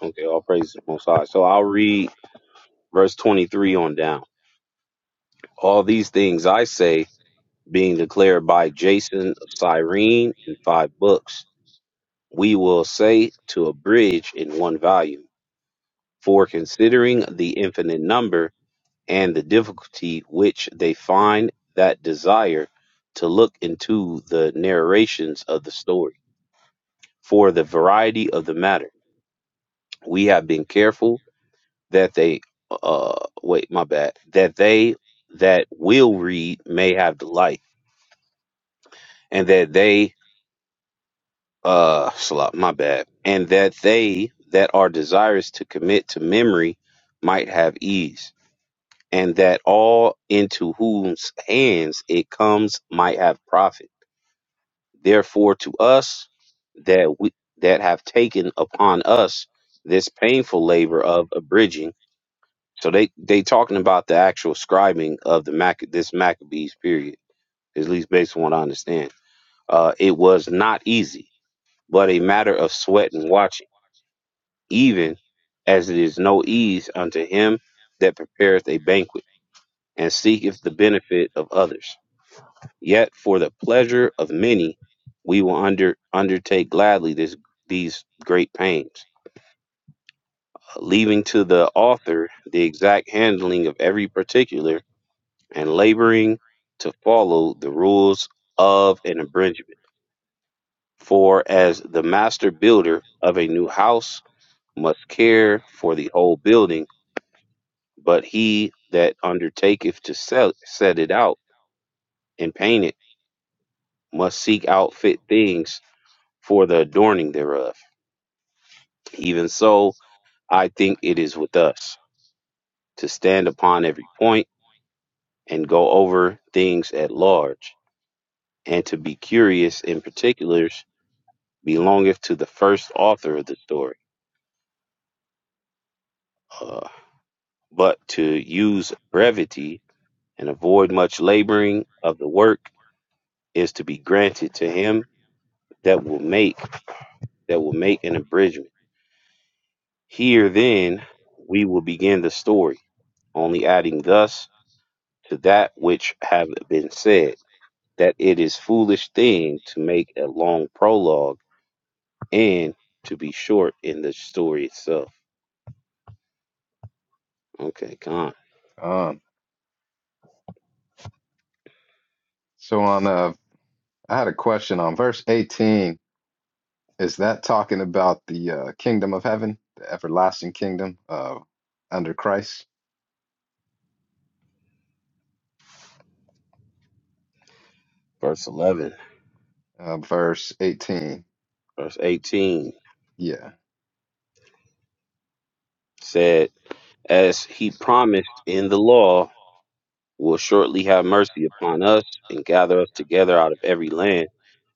B: Okay, all praise to the Most High. So I'll read verse 23 on down. All these things I say, being declared by Jason of Cyrene in five books, we will say to abridge in one volume, for considering the infinite number and the difficulty which they find that desire to look into the narrations of the story, for the variety of the matter. We have been careful that they uh wait my bad that they that will read may have delight and that they uh slop my bad and that they that are desirous to commit to memory might have ease and that all into whose hands it comes might have profit therefore to us that we that have taken upon us this painful labor of abridging So they they talking about the actual scribing of the Mac this Maccabees period, at least based on what I understand. Uh, it was not easy, but a matter of sweat and watching, even as it is no ease unto him that prepareth a banquet and seeketh the benefit of others. Yet for the pleasure of many, we will under undertake gladly this these great pains, Uh, leaving to the author the exact handling of every particular and laboring to follow the rules of an abridgment. For as the master builder of a new house must care for the whole building, but he that undertaketh to sell, set it out and paint it must seek out fit things for the adorning thereof. Even so, I think it is with us to stand upon every point and go over things at large, and to be curious in particulars belongeth to the first author of the story. Uh, but to use brevity and avoid much laboring of the work is to be granted to him that will make that will make an abridgment. Here then we will begin the story, only adding thus to that which have been said, that it is foolish thing to make a long prologue and to be short in the story itself. Okay, con.
C: Um, so on uh, I had a question on verse 18. Is that talking about the uh, kingdom of heaven, the everlasting kingdom uh, under Christ?
B: Verse eleven,
C: Uh, verse 18.
B: verse eighteen.
C: Yeah.
B: said, As he promised in the law, will shortly have mercy upon us and gather us together out of every land.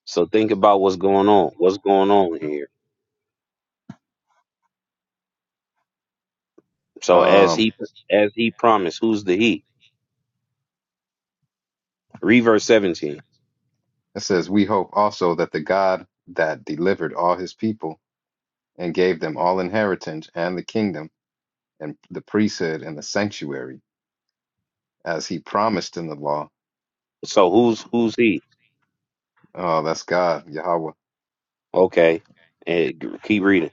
B: So think about what's going on. What's going on here? So as
C: Um,
B: he as he promised, who's the he? Read verse 17.
C: it says, We hope also that the God that delivered all his people and gave them all inheritance and the kingdom and the priesthood and the sanctuary, as he promised in the law.
B: So who's who's he?
C: Oh, that's God, Yahweh
B: Okay. And g- keep reading.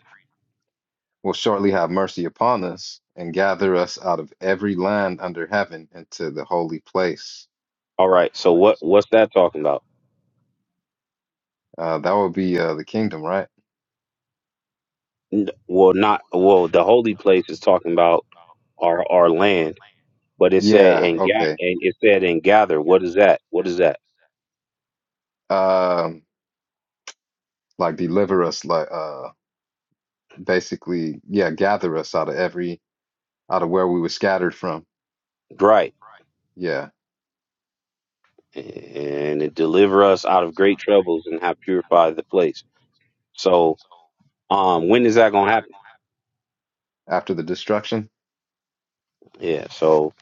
C: will shortly have mercy upon us and gather us out of every land under heaven into the holy place.
B: All right. So what what's that talking about?
C: Uh, that would be uh, the kingdom, right?
B: N- Well, not well, the holy place is talking about our our land, but it said
C: Yeah,
B: and ga-
C: okay.
B: and it said and gather. What is that? What is that?
C: Um, like deliver us, like uh, basically, yeah, gather us out of every out of where we were scattered from.
B: Right.
C: Yeah,
B: and it deliver us out of great troubles and have purified the place. So, um, when is that gonna happen?
C: after the destruction.
B: Yeah. So,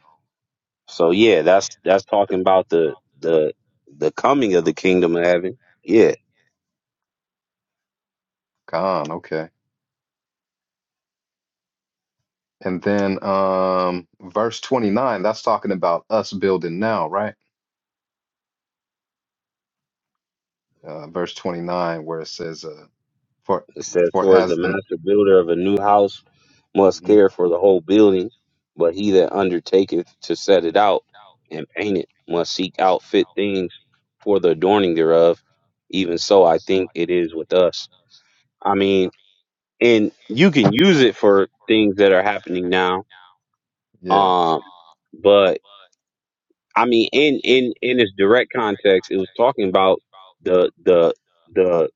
B: so yeah, that's that's talking about the the the coming of the kingdom of heaven. Yeah,
C: Gone, okay. And then um, verse 29, that's talking about us building now, right? Uh, verse 29, where it says, uh, for
B: it says,
C: for
B: "Towards the
C: as the
B: master builder of a new house must
C: Mhm.
B: care for the whole building, but he that undertaketh to set it out and paint it must seek out fit things for the adorning thereof." Even so, I think it is with us. I mean, and you can use it for things that are happening now.
C: Yeah.
B: Um, but I mean, in in in its direct context, it was talking about the the the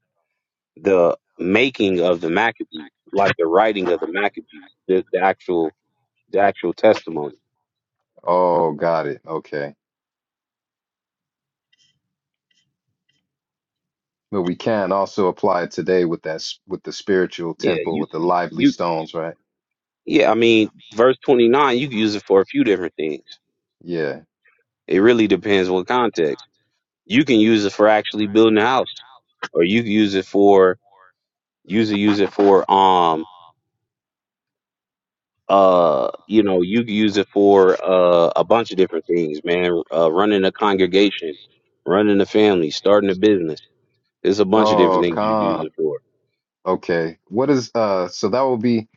B: the making of the Maccabees, like the writing of the Maccabees, the, the actual the actual testimony.
C: Oh, got it. Okay. But we can also apply it today with that s- with the spiritual
B: Yeah,
C: temple
B: you
C: with the lively
B: you
C: stones, right?
B: yeah. I mean, verse twenty nine, you can use it for a few different things.
C: Yeah.
B: It really depends what context. You can use it for actually building a house, or you can use it for use it use it for um uh you know you can use it for uh a bunch of different things man uh running a congregation running a family starting a business there's a bunch of different
C: Oh,
B: things you can use it
C: calm.
B: for
C: Okay. What is uh so that will be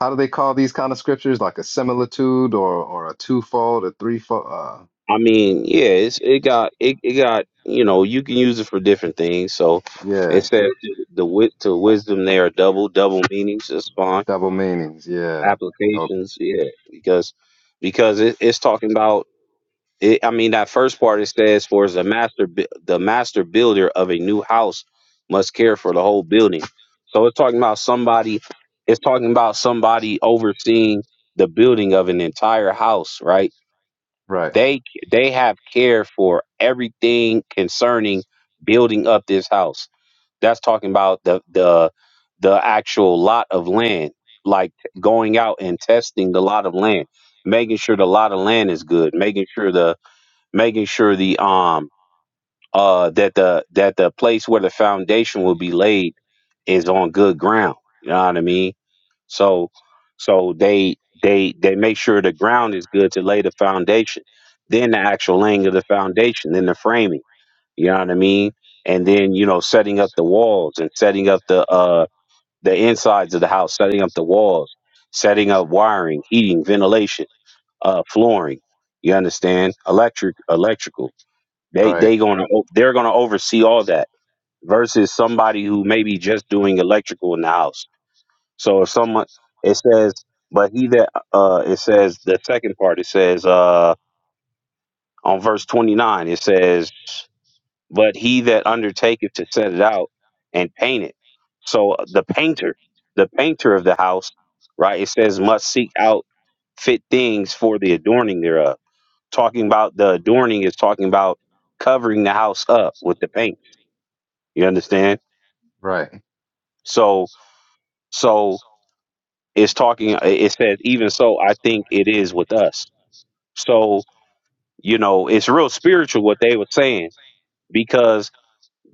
C: how do they call these kind of scriptures? Like a similitude or or a twofold, a threefold uh
B: i mean yeah it's it got it, it got you know you can use it for different things so it
C: yeah,
B: says the wit to wisdom they are double double meanings It's fine
C: double meanings. Yeah. Okay.
B: applications yeah because because it, it's talking about It, I mean, that first part it says, "For as a master, bu- the master builder of a new house must care for the whole building." So it's talking about somebody. It's talking about somebody overseeing the building of an entire house, right?
C: Right.
B: They they have care for everything concerning building up this house. That's talking about the the the actual lot of land, like going out and testing the lot of land, making sure the lot of land is good, making sure the making sure the um uh that the that the place where the foundation will be laid is on good ground. You know what I mean? So so they they they make sure the ground is good to lay the foundation, then the actual laying of the foundation, then the framing. You know what I mean? And then you know setting up the walls and setting up the uh the insides of the house, setting up the walls, setting up wiring, heating, ventilation, uh flooring. You understand? Electric, electrical. They
C: Right.
B: they gonna o- they're gonna oversee all that versus somebody who may be just doing electrical in the house. So if someone it says, but he that uh it says the second part it says uh on verse twenty nine it says, but he that undertaketh to set it out and paint it. So uh, the painter, the painter of the house, right? It says must seek out fit things for the adorning thereof. Talking about the adorning is talking about covering the house up with the paint You understand?
C: Right.
B: So so it's talking it says even so I think it is with us. So, you know, it's real spiritual what they were saying because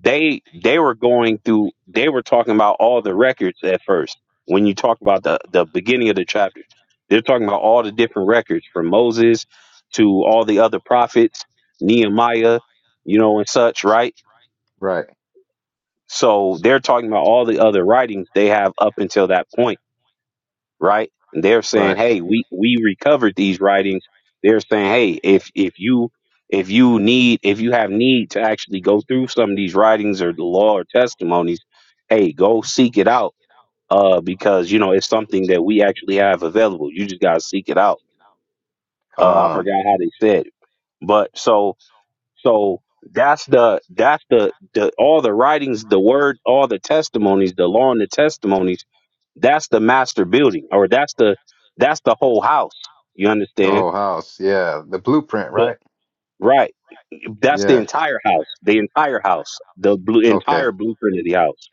B: they they were going through they were talking about all the records at first. When you talk about the the beginning of the chapter, they're talking about all the different records from Moses to all the other prophets, Nehemiah, you know, and such, right?
C: Right.
B: So they're talking about all the other writings they have up until that point right? And they're saying,
C: Right.
B: "Hey, we we recovered these writings." They're saying, "Hey, if if you if you need if you have need to actually go through some of these writings or the law or testimonies, hey, go seek it out uh because you know it's something that we actually have available. You just got to seek it out." Uh I
C: Calm.
B: forgot how they said it. But so so that's the that's the the all the writings, the word, all the testimonies, the law and the testimonies that's the master building, or that's the that's the whole house. You
C: The
B: understand?
C: whole house. Yeah. The blueprint,
B: But
C: right?
B: right, that's the
C: Yeah.
B: entire house, the entire house, the blue,
C: Okay.
B: entire blueprint of the house.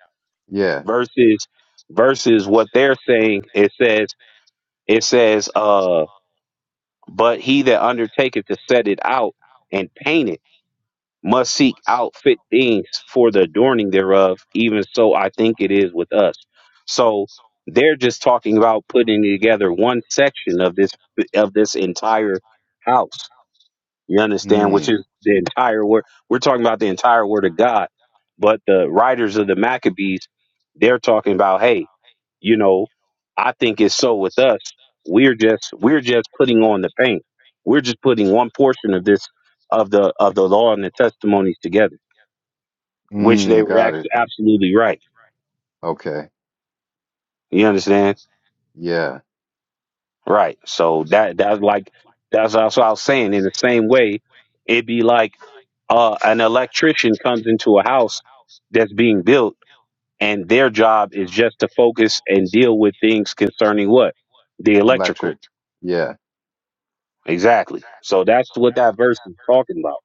C: Yeah.
B: Versus versus what they're saying, it says it says, uh, but he that undertaketh to set it out and paint it must seek out fit things for the adorning thereof, even so I think it is with us. So they're just talking about putting together one section of this of this entire house. You understand, which
C: Mm,
B: is the entire word. We're talking about the entire word of God, but the writers of the Maccabees, they're talking about, hey, you know, I think it's so with us. We're just we're just putting on the paint. We're just putting one portion of this of the of the law and the testimonies together, which they
C: mm,
B: were
C: got it.
B: actually absolutely right.
C: Okay.
B: You understand?
C: Yeah.
B: Right. So that that's like that's also I was saying. In the same way, it'd be like uh, an electrician comes into a house that's being built and their job is just to focus and deal with things concerning what the electrical
C: Electric. Yeah.
B: exactly so that's what that verse is talking about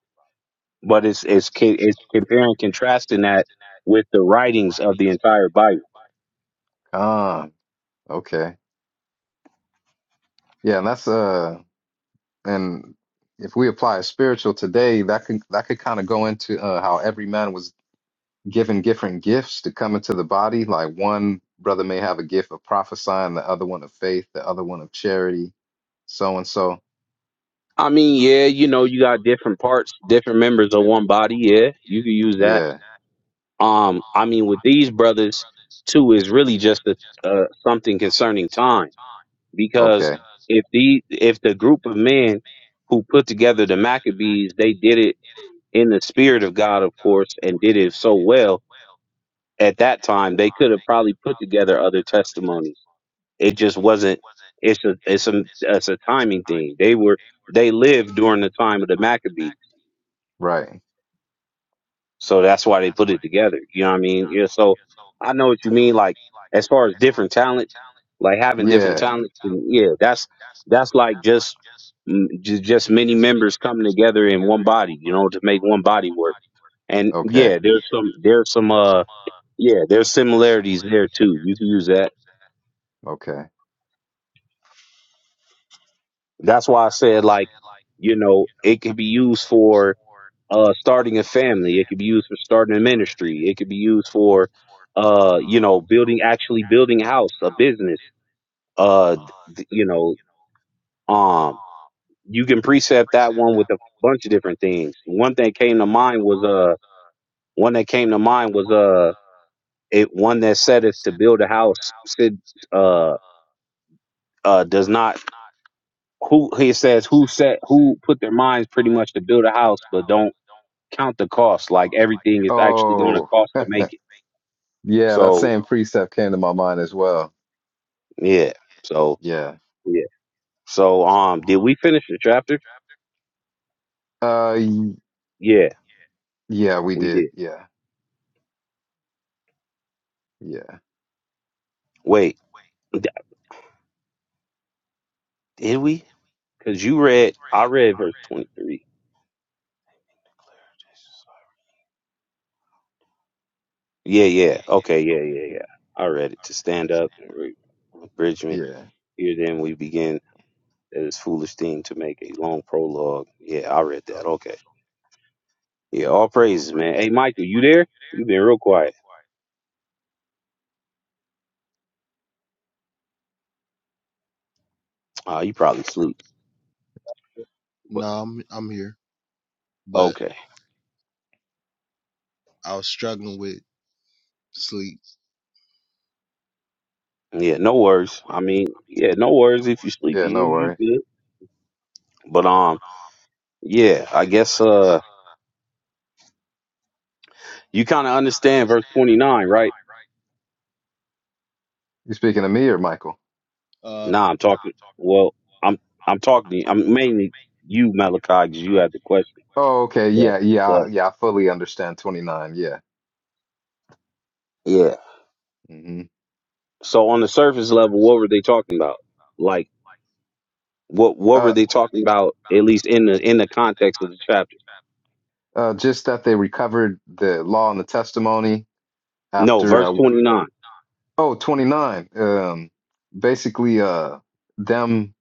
B: but it's it's ca- it's comparing contrasting that with the writings of the entire bible
C: Calm. Okay. Yeah, and that's uh and if we apply a spiritual today, that can that could kind of go into uh how every man was given different gifts to come into the body. Like one brother may have a gift of prophesying, the other one of faith, the other one of charity, so and so.
B: i mean yeah you know you got different parts different members of one body yeah you could use that
C: Yeah.
B: um i mean with these brothers too is really just a, uh, something concerning time because
C: Okay.
B: if the if the group of men who put together the Maccabees, they did it in the spirit of God, of course, and did it so well at that time, they could have probably put together other testimonies. It just wasn't. It's a it's a it's a timing thing. They were they lived during the time of the Maccabees,
C: Right.
B: so that's why they put it together. You know what I mean? Yeah. So I know what you mean. Like as far as different talents. Like having different
C: Yeah.
B: talents, and yeah, that's that's like just just, just many members coming together in one body, you know, to make one body work. And
C: Okay.
B: yeah, there's some there's some uh yeah, there's similarities there too. You can use that.
C: Okay.
B: That's why I said like, you know, it could be used for uh starting a family, it could be used for starting a ministry, it could be used for uh, you know, building actually building a house, a business, uh d- you know, um. you can precept that one with a bunch of different things. One thing came to mind was uh one that came to mind was uh it one that said it to build a house said uh uh does not who he says who set who put their minds pretty much to build a house but don't count the cost like everything is actually going to
C: Oh,
B: cost to make it.
C: yeah, that
B: So
C: same precept came to my mind as well.
B: yeah, so
C: Yeah.
B: yeah, so um did we finish the chapter?
C: Uh, y-
B: Yeah,
C: yeah, we
B: we
C: did.
B: did.
C: Yeah, yeah,
B: Wait, d- did we? Because you read I read verse twenty three. Yeah, yeah. Okay, yeah, yeah, yeah. All ready to stand up and re- abridgment.
C: yeah,
B: Here then we begin this foolish thing to make a long prologue. Yeah, I read that. Okay. Yeah, all praises, man. Hey Michael, you there? you been real quiet. Uh you probably sleep. But
A: No, I'm I'm here, but
B: okay.
A: I was struggling with sleep.
B: Yeah, no worries. I mean, yeah, no worries if you sleepy
C: yeah.
B: you
C: No
B: you
C: worries.
B: good. But um yeah, I guess uh you kinda understand verse twenty nine, right?
C: You speaking to me or Michael?
A: Uh,
B: Nah, I'm talking well, I'm I'm talking to you. I'm mainly you, Malachi, because you had the question.
C: Oh, okay.
B: But
C: Yeah, yeah, I-
B: but
C: yeah. I fully understand 29. Yeah.
B: yeah.
C: hmm
B: So on the surface level, what were they talking about? Like what what were
C: Uh,
B: they talking about? At least in the in the context of the chapter.
C: uh, just that they recovered the law and the testimony
B: No,
C: after.
B: verse
C: Uh,
B: twenty nine.
C: oh, twenty-nine. Um, basically, uh, them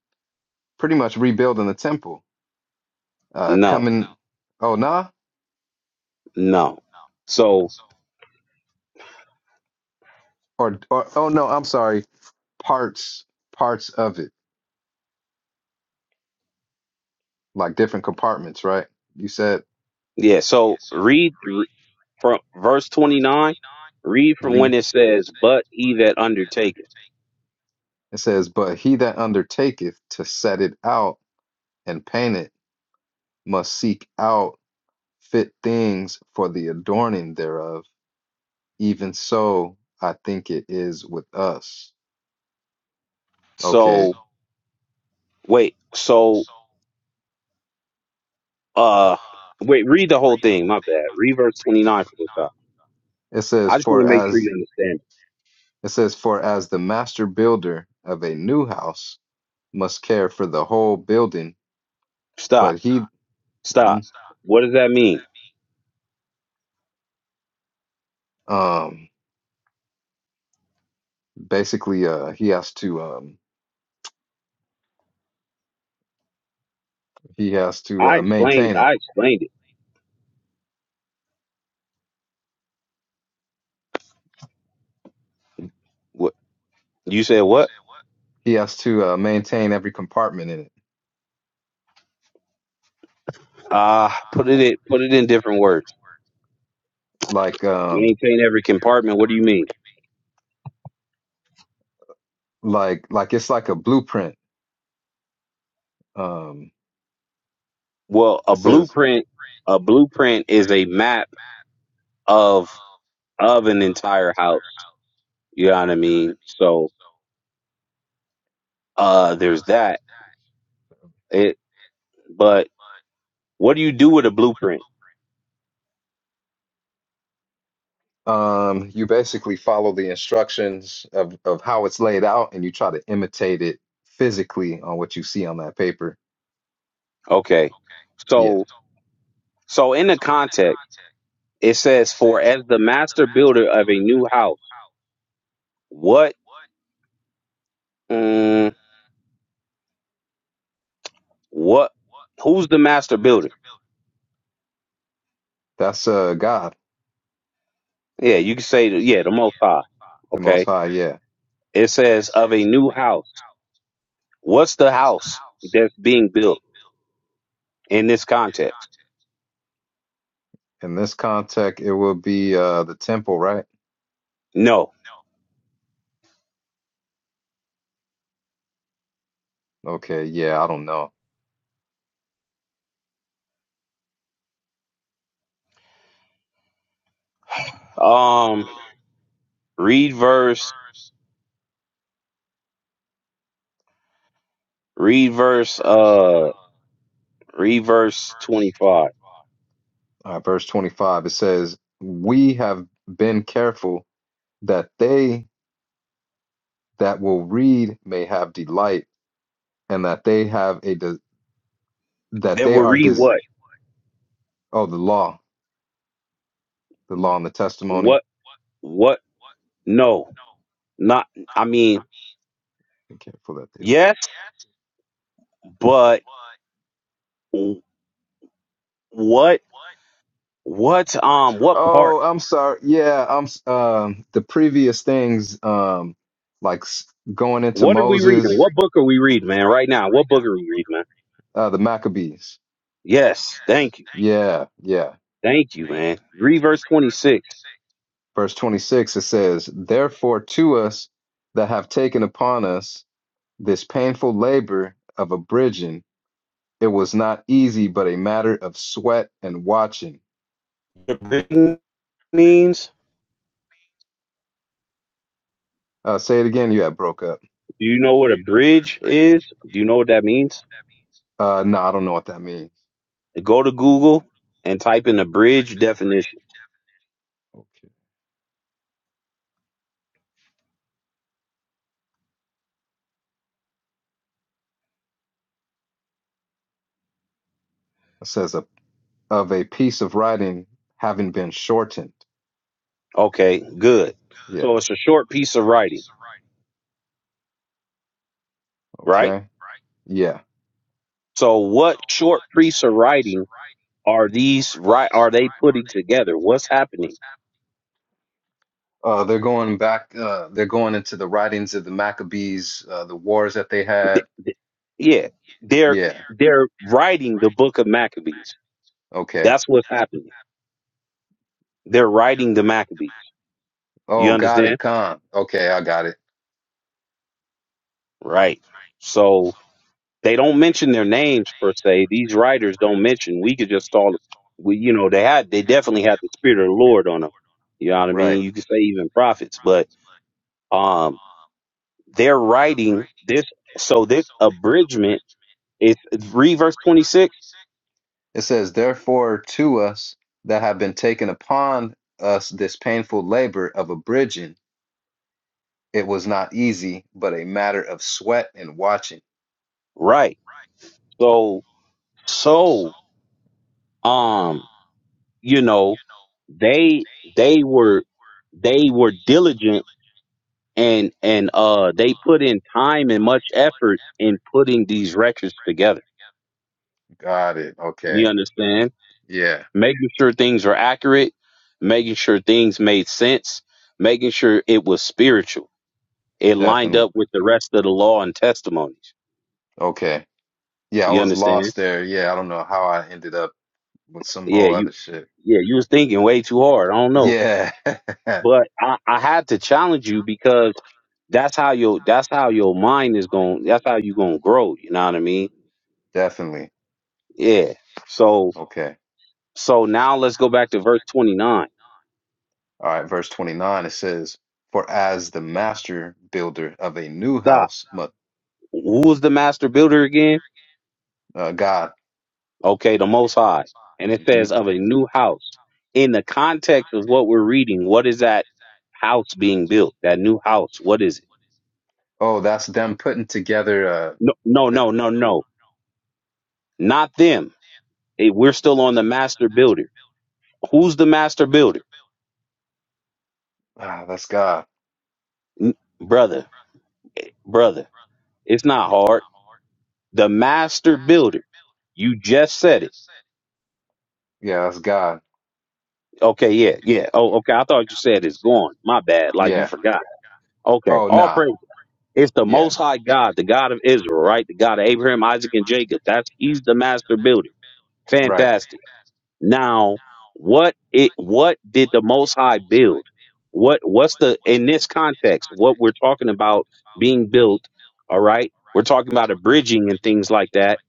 C: pretty much rebuilding the temple. Uh,
B: No,
C: coming. Oh, nah.
B: no. So
C: or, or oh no, I'm sorry, parts parts of it, like different compartments, right? You said
B: yeah. So read re- from verse twenty nine. Read
C: Read. when
B: from when it
C: it
B: says, "But
C: says,
B: he
C: but
B: that undertaketh."
C: undertake. it says, but he that undertaketh to set it out and paint it must seek out fit things for the adorning thereof. Even so, I think it is with us. Okay. So
B: So wait. So uh, wait. Read the whole thing. My bad. Read verse twenty nine from the top.
C: It says,
B: I just want
C: for
B: to make sure
C: as
B: you understand.
C: it says, for as the master builder of a new house must care for the whole building,
B: Stop.
C: but he Mhm.
B: Stop. What does that mean?
C: Um, basically, uh, he has to um, he has to
B: I
C: uh,
B: explained.
C: maintain it.
B: I explained it. What you said? What?
C: He has to uh, maintain every compartment in it,
B: Uh put it in, put it in different words.
C: like um,
B: Maintain every compartment. What do you mean?
C: like like it's like a blueprint. Um,
B: Well, a
C: it says
B: blueprint a blueprint is a map of of an entire house. You know what I mean? So uh there's that. It but what do you do with a blueprint?
C: um, you basically follow the instructions of of how it's laid out, and you try to imitate it physically on what you see on that paper.
B: Okay.
C: Yeah,
B: So so in the context, it says for as the master builder of a new house, what mm, what who's the master builder?
C: that's uh, God,
B: Yeah, you can say, the- yeah, the Most High.
C: the Most
B: Okay.
C: High. Yeah.
B: It says of a new house. What's the house that's being built in this context?
C: In this context, it will be uh, the temple, right?
B: No.
C: Okay. Yeah, I don't know.
B: Um, read verse, read verse, uh, read verse 25.
C: uh, verse 25, it says, We have been careful that they that will read may have delight, and that they have a de- that
B: That
C: they
B: will
C: are
B: read
C: des-
B: what?
C: oh the law, the law and the testimony.
B: What, what? No, not, I mean,
C: Be careful that they.
B: yes, but what, what, um, what part?
C: Oh, I'm sorry. Yeah, I'm. s- Um, the previous things, um, like s- going into
B: What are we
C: Moses,
B: reading? What book are we reading, man? Right now, what book are we reading, man?
C: uh, the Maccabees.
B: Yes, thank you.
C: Yeah, yeah.
B: Thank you, man. Read verse 26.
C: Verse 26, it says, Therefore, to us that have taken upon us This painful labor of abridging, it was not easy, but a matter of sweat and watching.
B: The bridge means,
C: Uh, say it again. You had broke up.
B: do you know what a bridge is? Do you know what that means?
C: Uh, no, I don't know what that means.
B: Go to Google and type in a bridge definition.
C: Okay. It says a, of a piece of writing having been shortened.
B: Okay, good.
C: Yeah.
B: So it's a short piece of writing, right?
C: Okay. Yeah.
B: So what short piece of writing are these right are they putting together? What's happening?
C: Uh, they're going back. Uh, they're going into the writings of the Maccabees, uh, the wars that they had.
B: Th- th- Yeah, they're
C: Yeah.
B: they're writing the book of Maccabees.
C: Okay.
B: That's what's happening. They're writing the Maccabees.
C: Oh,
B: You
C: got it.
B: understand?
C: Con. Okay, I got it.
B: Right. So they don't mention their names per se. These writers don't mention. We could just all, we you know they had they definitely had the spirit of the Lord on them. You know what I
C: Right.
B: mean? You could say even prophets, but um, they're writing this. So this abridgment is read verse twenty six,
C: It says, Therefore, to us that have been taken upon us this painful labor of abridging, it was not easy, but a matter of sweat and watching.
B: right? So so um, you know they they were they were diligent and and uh they put in time and much effort in putting these records together
C: Got it.
B: You
C: Okay.
B: understand?
C: Yeah,
B: Making sure things are accurate, making sure things made sense, making sure it was spiritual. It lined
C: definitely.
B: up with the rest of the law and testimonies.
C: Okay. Yeah, I
B: You
C: was
B: understand?
C: lost there. Yeah, I don't know how I ended up with some
B: Yeah,
C: whole
B: you
C: other shit.
B: yeah, you was thinking way too hard. I don't know.
C: Yeah,
B: But I, I had to challenge you because that's how your that's how your mind is going that's how you gonna grow, you know what I mean?
C: definitely.
B: Yeah. So
C: Okay.
B: so now let's go back to verse twenty nine.
C: All right. Verse 29, it says, For as the master builder of a new
B: Stop.
C: house, mu-
B: Who was the master builder again?
C: uh, God,
B: okay, the Most High, and it
C: mhm,
B: says of a new house. In the context of what we're reading, what is that house being built? That new house, what is it?
C: Oh, that's them putting together uh
B: No, no, no, no, no, not them. Eh, we're still on the master builder. Who's the master builder,
C: ah, that's God.
B: N- brother? Brother, it's not hard. The master builder. You just said it.
C: Yeah, that's God.
B: Okay, yeah, yeah. Oh, okay. I thought you said it's gone. My bad. Like you
C: Yeah.
B: forgot. Okay.
C: Oh,
B: All
C: nah.
B: praise. It's the
C: Yeah.
B: Most High God, the God of Israel, right? The God of Abraham, Isaac, and Jacob. That's He's the master builder.
C: Right.
B: Fantastic. Now, what it what did the Most High build? What what's the in this context? What we're talking about being built, all right? We're talking about a bridging and things like that.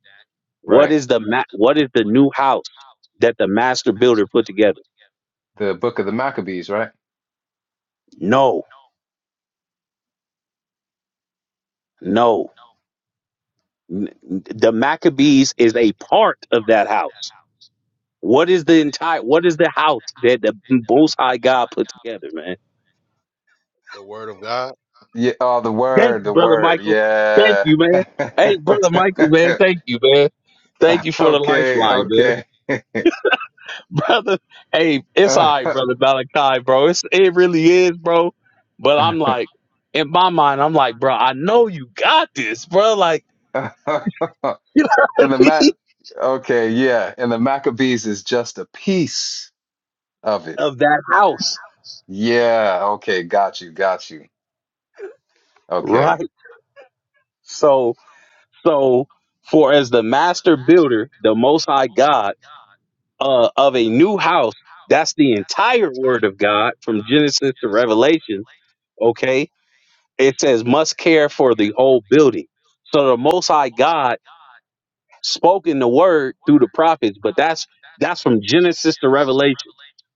B: What
C: Right.
B: is the ma- what is the new house that the master builder put together?
C: The book of the Maccabees, right?
B: No, no. N- The Maccabees is a part of that house What is the entire? What is the house that the Most High God put together, man?
A: the word of God?
C: Yeah. Oh, the
B: Thank
C: word,
B: you,
C: the
B: brother
C: word.
B: Michael. Thank
C: Yeah.
B: you, man. Hey, brother Michael, man. Thank you, man. Thank you for the
C: Okay,
B: lifeline, man.
C: okay.
B: Brother, hey, it's all right,
C: And
B: brother Malachi, bro. It's it really is, bro. But I'm like, in my mind, I'm like, bro, I know you got this, bro. Like, you know what
C: the
B: I mean?
C: Mac, okay, yeah. And the Maccabees is just a piece of it.
B: Of that house,
C: Yeah, okay, got you, got you. Okay,
B: right? So, so for as the master builder, the Most High God. uh, of a new house. That's the entire word of God from Genesis to Revelation. Okay. It says, must care for the whole building. So the Most High God spoke in the word through the prophets, but that's that's from Genesis to Revelation.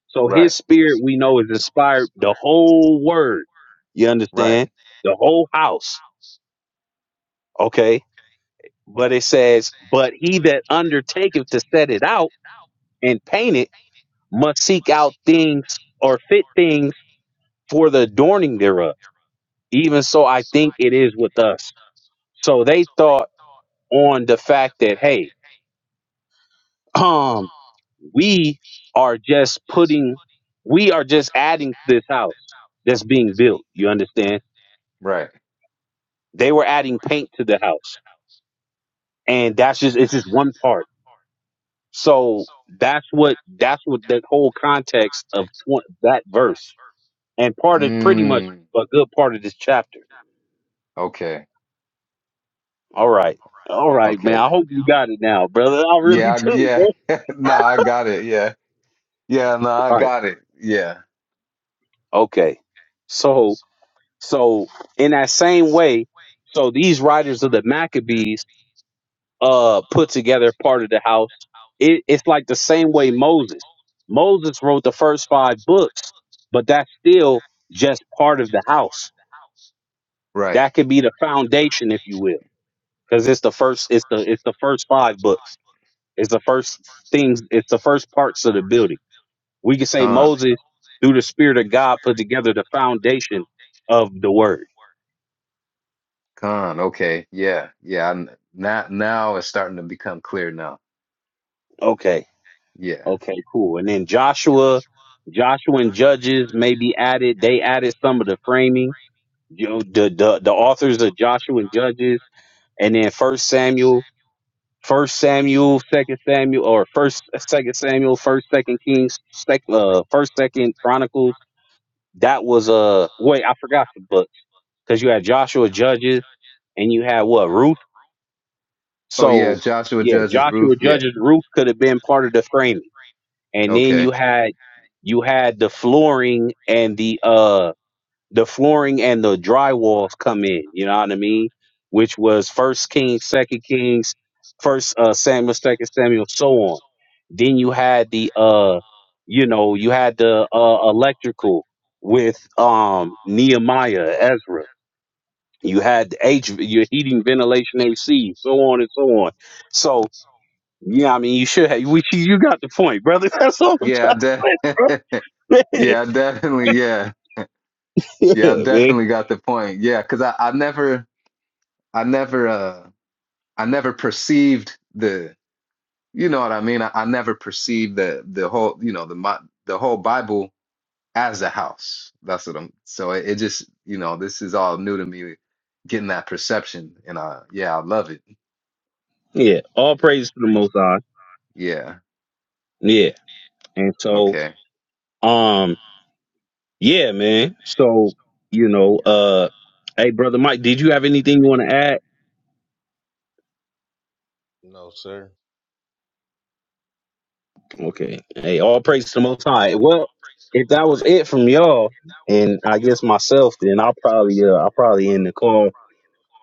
B: So
C: right,
B: his spirit we know is inspired the whole word. You
C: right,
B: understand? The whole house. Okay. But it says, but he that undertaketh to set it out and paint it must seek out things or fit things for the adorning thereof. Even so, I think it is with us. So they thought on the fact that, hey, um, we are just putting, we are just adding to this house that's being built. You understand?
C: right.
B: They were adding paint to the house, and that's just it's just one part. So that's what that's what the whole context of tw- that verse and part of pretty much
C: Mm,
B: a good part of this chapter.
C: okay,
B: All right. All right, man.
C: okay.
B: I hope you got it now, brother. I really
C: Yeah, I,
B: do,
C: yeah.
B: bro.
C: No, I got it. Yeah. Yeah, no, I
B: Right.
C: got it. Yeah.
B: Okay. So so in that same way, so these writers of the Maccabees uh put together part of the house. It, it's like the same way Moses. Moses wrote the first five books, but that's still just part of the house.
C: Right.
B: That could be the foundation, if you will. Because it's the first it's the it's the first five books. It's the first things, it's the first parts of the building We could say
C: Con.
B: Moses, through the Spirit of God, put together the foundation of the word.
C: Con. Okay. Yeah. Yeah. I, now now it's starting to become clear now.
B: Okay.
C: Yeah.
B: Okay, cool. And then Joshua, Joshua and Judges may be added. They added some of the framing. You know, the, the the authors of Joshua and Judges, and then First Samuel, First Samuel, Second Samuel, or First Second Samuel, First Second Kings, Second uh, First Second Chronicles. That was a uh, wait, I forgot the book because you had Joshua Judges and you had what Ruth
C: Oh yeah.
B: So
C: Joshua
B: yeah,
C: Judge's
B: Joshua
C: roof. Yeah.
B: Judge's roof could have been part of the framing, and
C: Okay.
B: then you had you had the flooring and the uh the flooring and the drywalls come in. You know what I mean? Which was First Kings, Second Kings, First uh, Samuel, Second Samuel, so on. Then you had the uh you know you had the uh electrical with um Nehemiah, Ezra. You had the H, your heating, ventilation, AC, so on and so on. So yeah, I mean, you should have. Which you you got the point, brother. That's all I'm
C: Yeah, I
B: trying to
C: de
B: say, bro. Yeah,
C: yeah, I definitely. Yeah. Yeah, I've
B: yeah, man.
C: definitely got the point. Yeah, because I, I never, I never, uh, I never perceived the, you know what I mean? I, I never perceived the, the whole, you know, the, mi- the whole Bible as a house. That's what I'm, so it, it just, you know, this is all new to me, getting that perception. And uh, yeah, I love it.
B: Yeah, all praise to the Most High.
C: Yeah.
B: Yeah, and so,
C: Okay.
B: um, yeah, man. So, you know, uh, hey, brother Mike, did you have anything you want to add?
A: No, sir.
B: Okay. Hey, all praise to the Most High. Well, if that was it from y'all, and I guess myself, then I'll probably, uh, I'll probably end the call.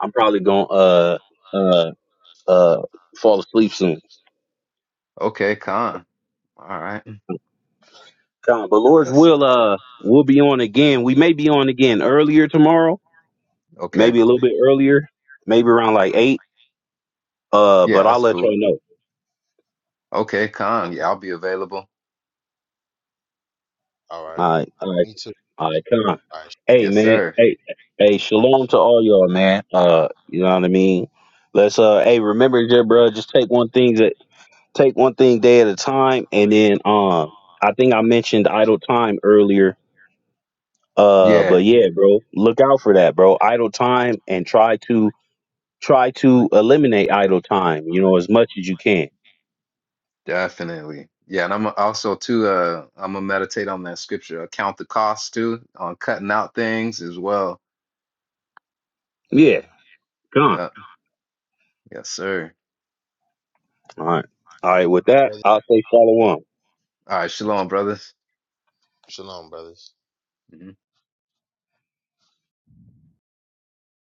B: I'm probably gonna, uh, uh, uh, fall asleep soon.
C: Okay. Con. All right.
B: Come, but Lord's
C: Yes.
B: will, uh, we'll be on again. We may be on again earlier tomorrow,
C: Okay.
B: maybe a little bit earlier, maybe around like eight. Uh,
C: Yeah,
B: but I'll
C: that's
B: let
C: cool.
B: y'all know.
C: Okay. Con. Yeah,
A: Okay.
C: I'll be available.
A: All right.
B: All right, all right,
A: Me too.
B: all right, con.
A: All right.
B: Hey,
C: Yes,
B: man.
C: sir.
B: Hey, hey, shalom to all y'all, man. Uh, you know what I mean. Let's uh, hey, remember, just bro, just take one thing that take one thing day at a time, and then um, I think I mentioned idle time earlier. Uh,
C: Yeah.
B: but yeah, bro, look out for that, bro. Idle time, and try to Try to eliminate idle time, you know, as much as you can.
C: Definitely. Yeah, and I'm also too uh I'm gonna meditate on that scripture. uh, Count the cost too on cutting out things as well.
B: Yeah,
A: Mm.
B: gone.
C: Yeah, yes, sir.
B: All right. All right. With
A: Hey,
B: that, I'll say shalom.
C: All right, shalom, brothers.
A: Shalom, brothers.
C: Mhm.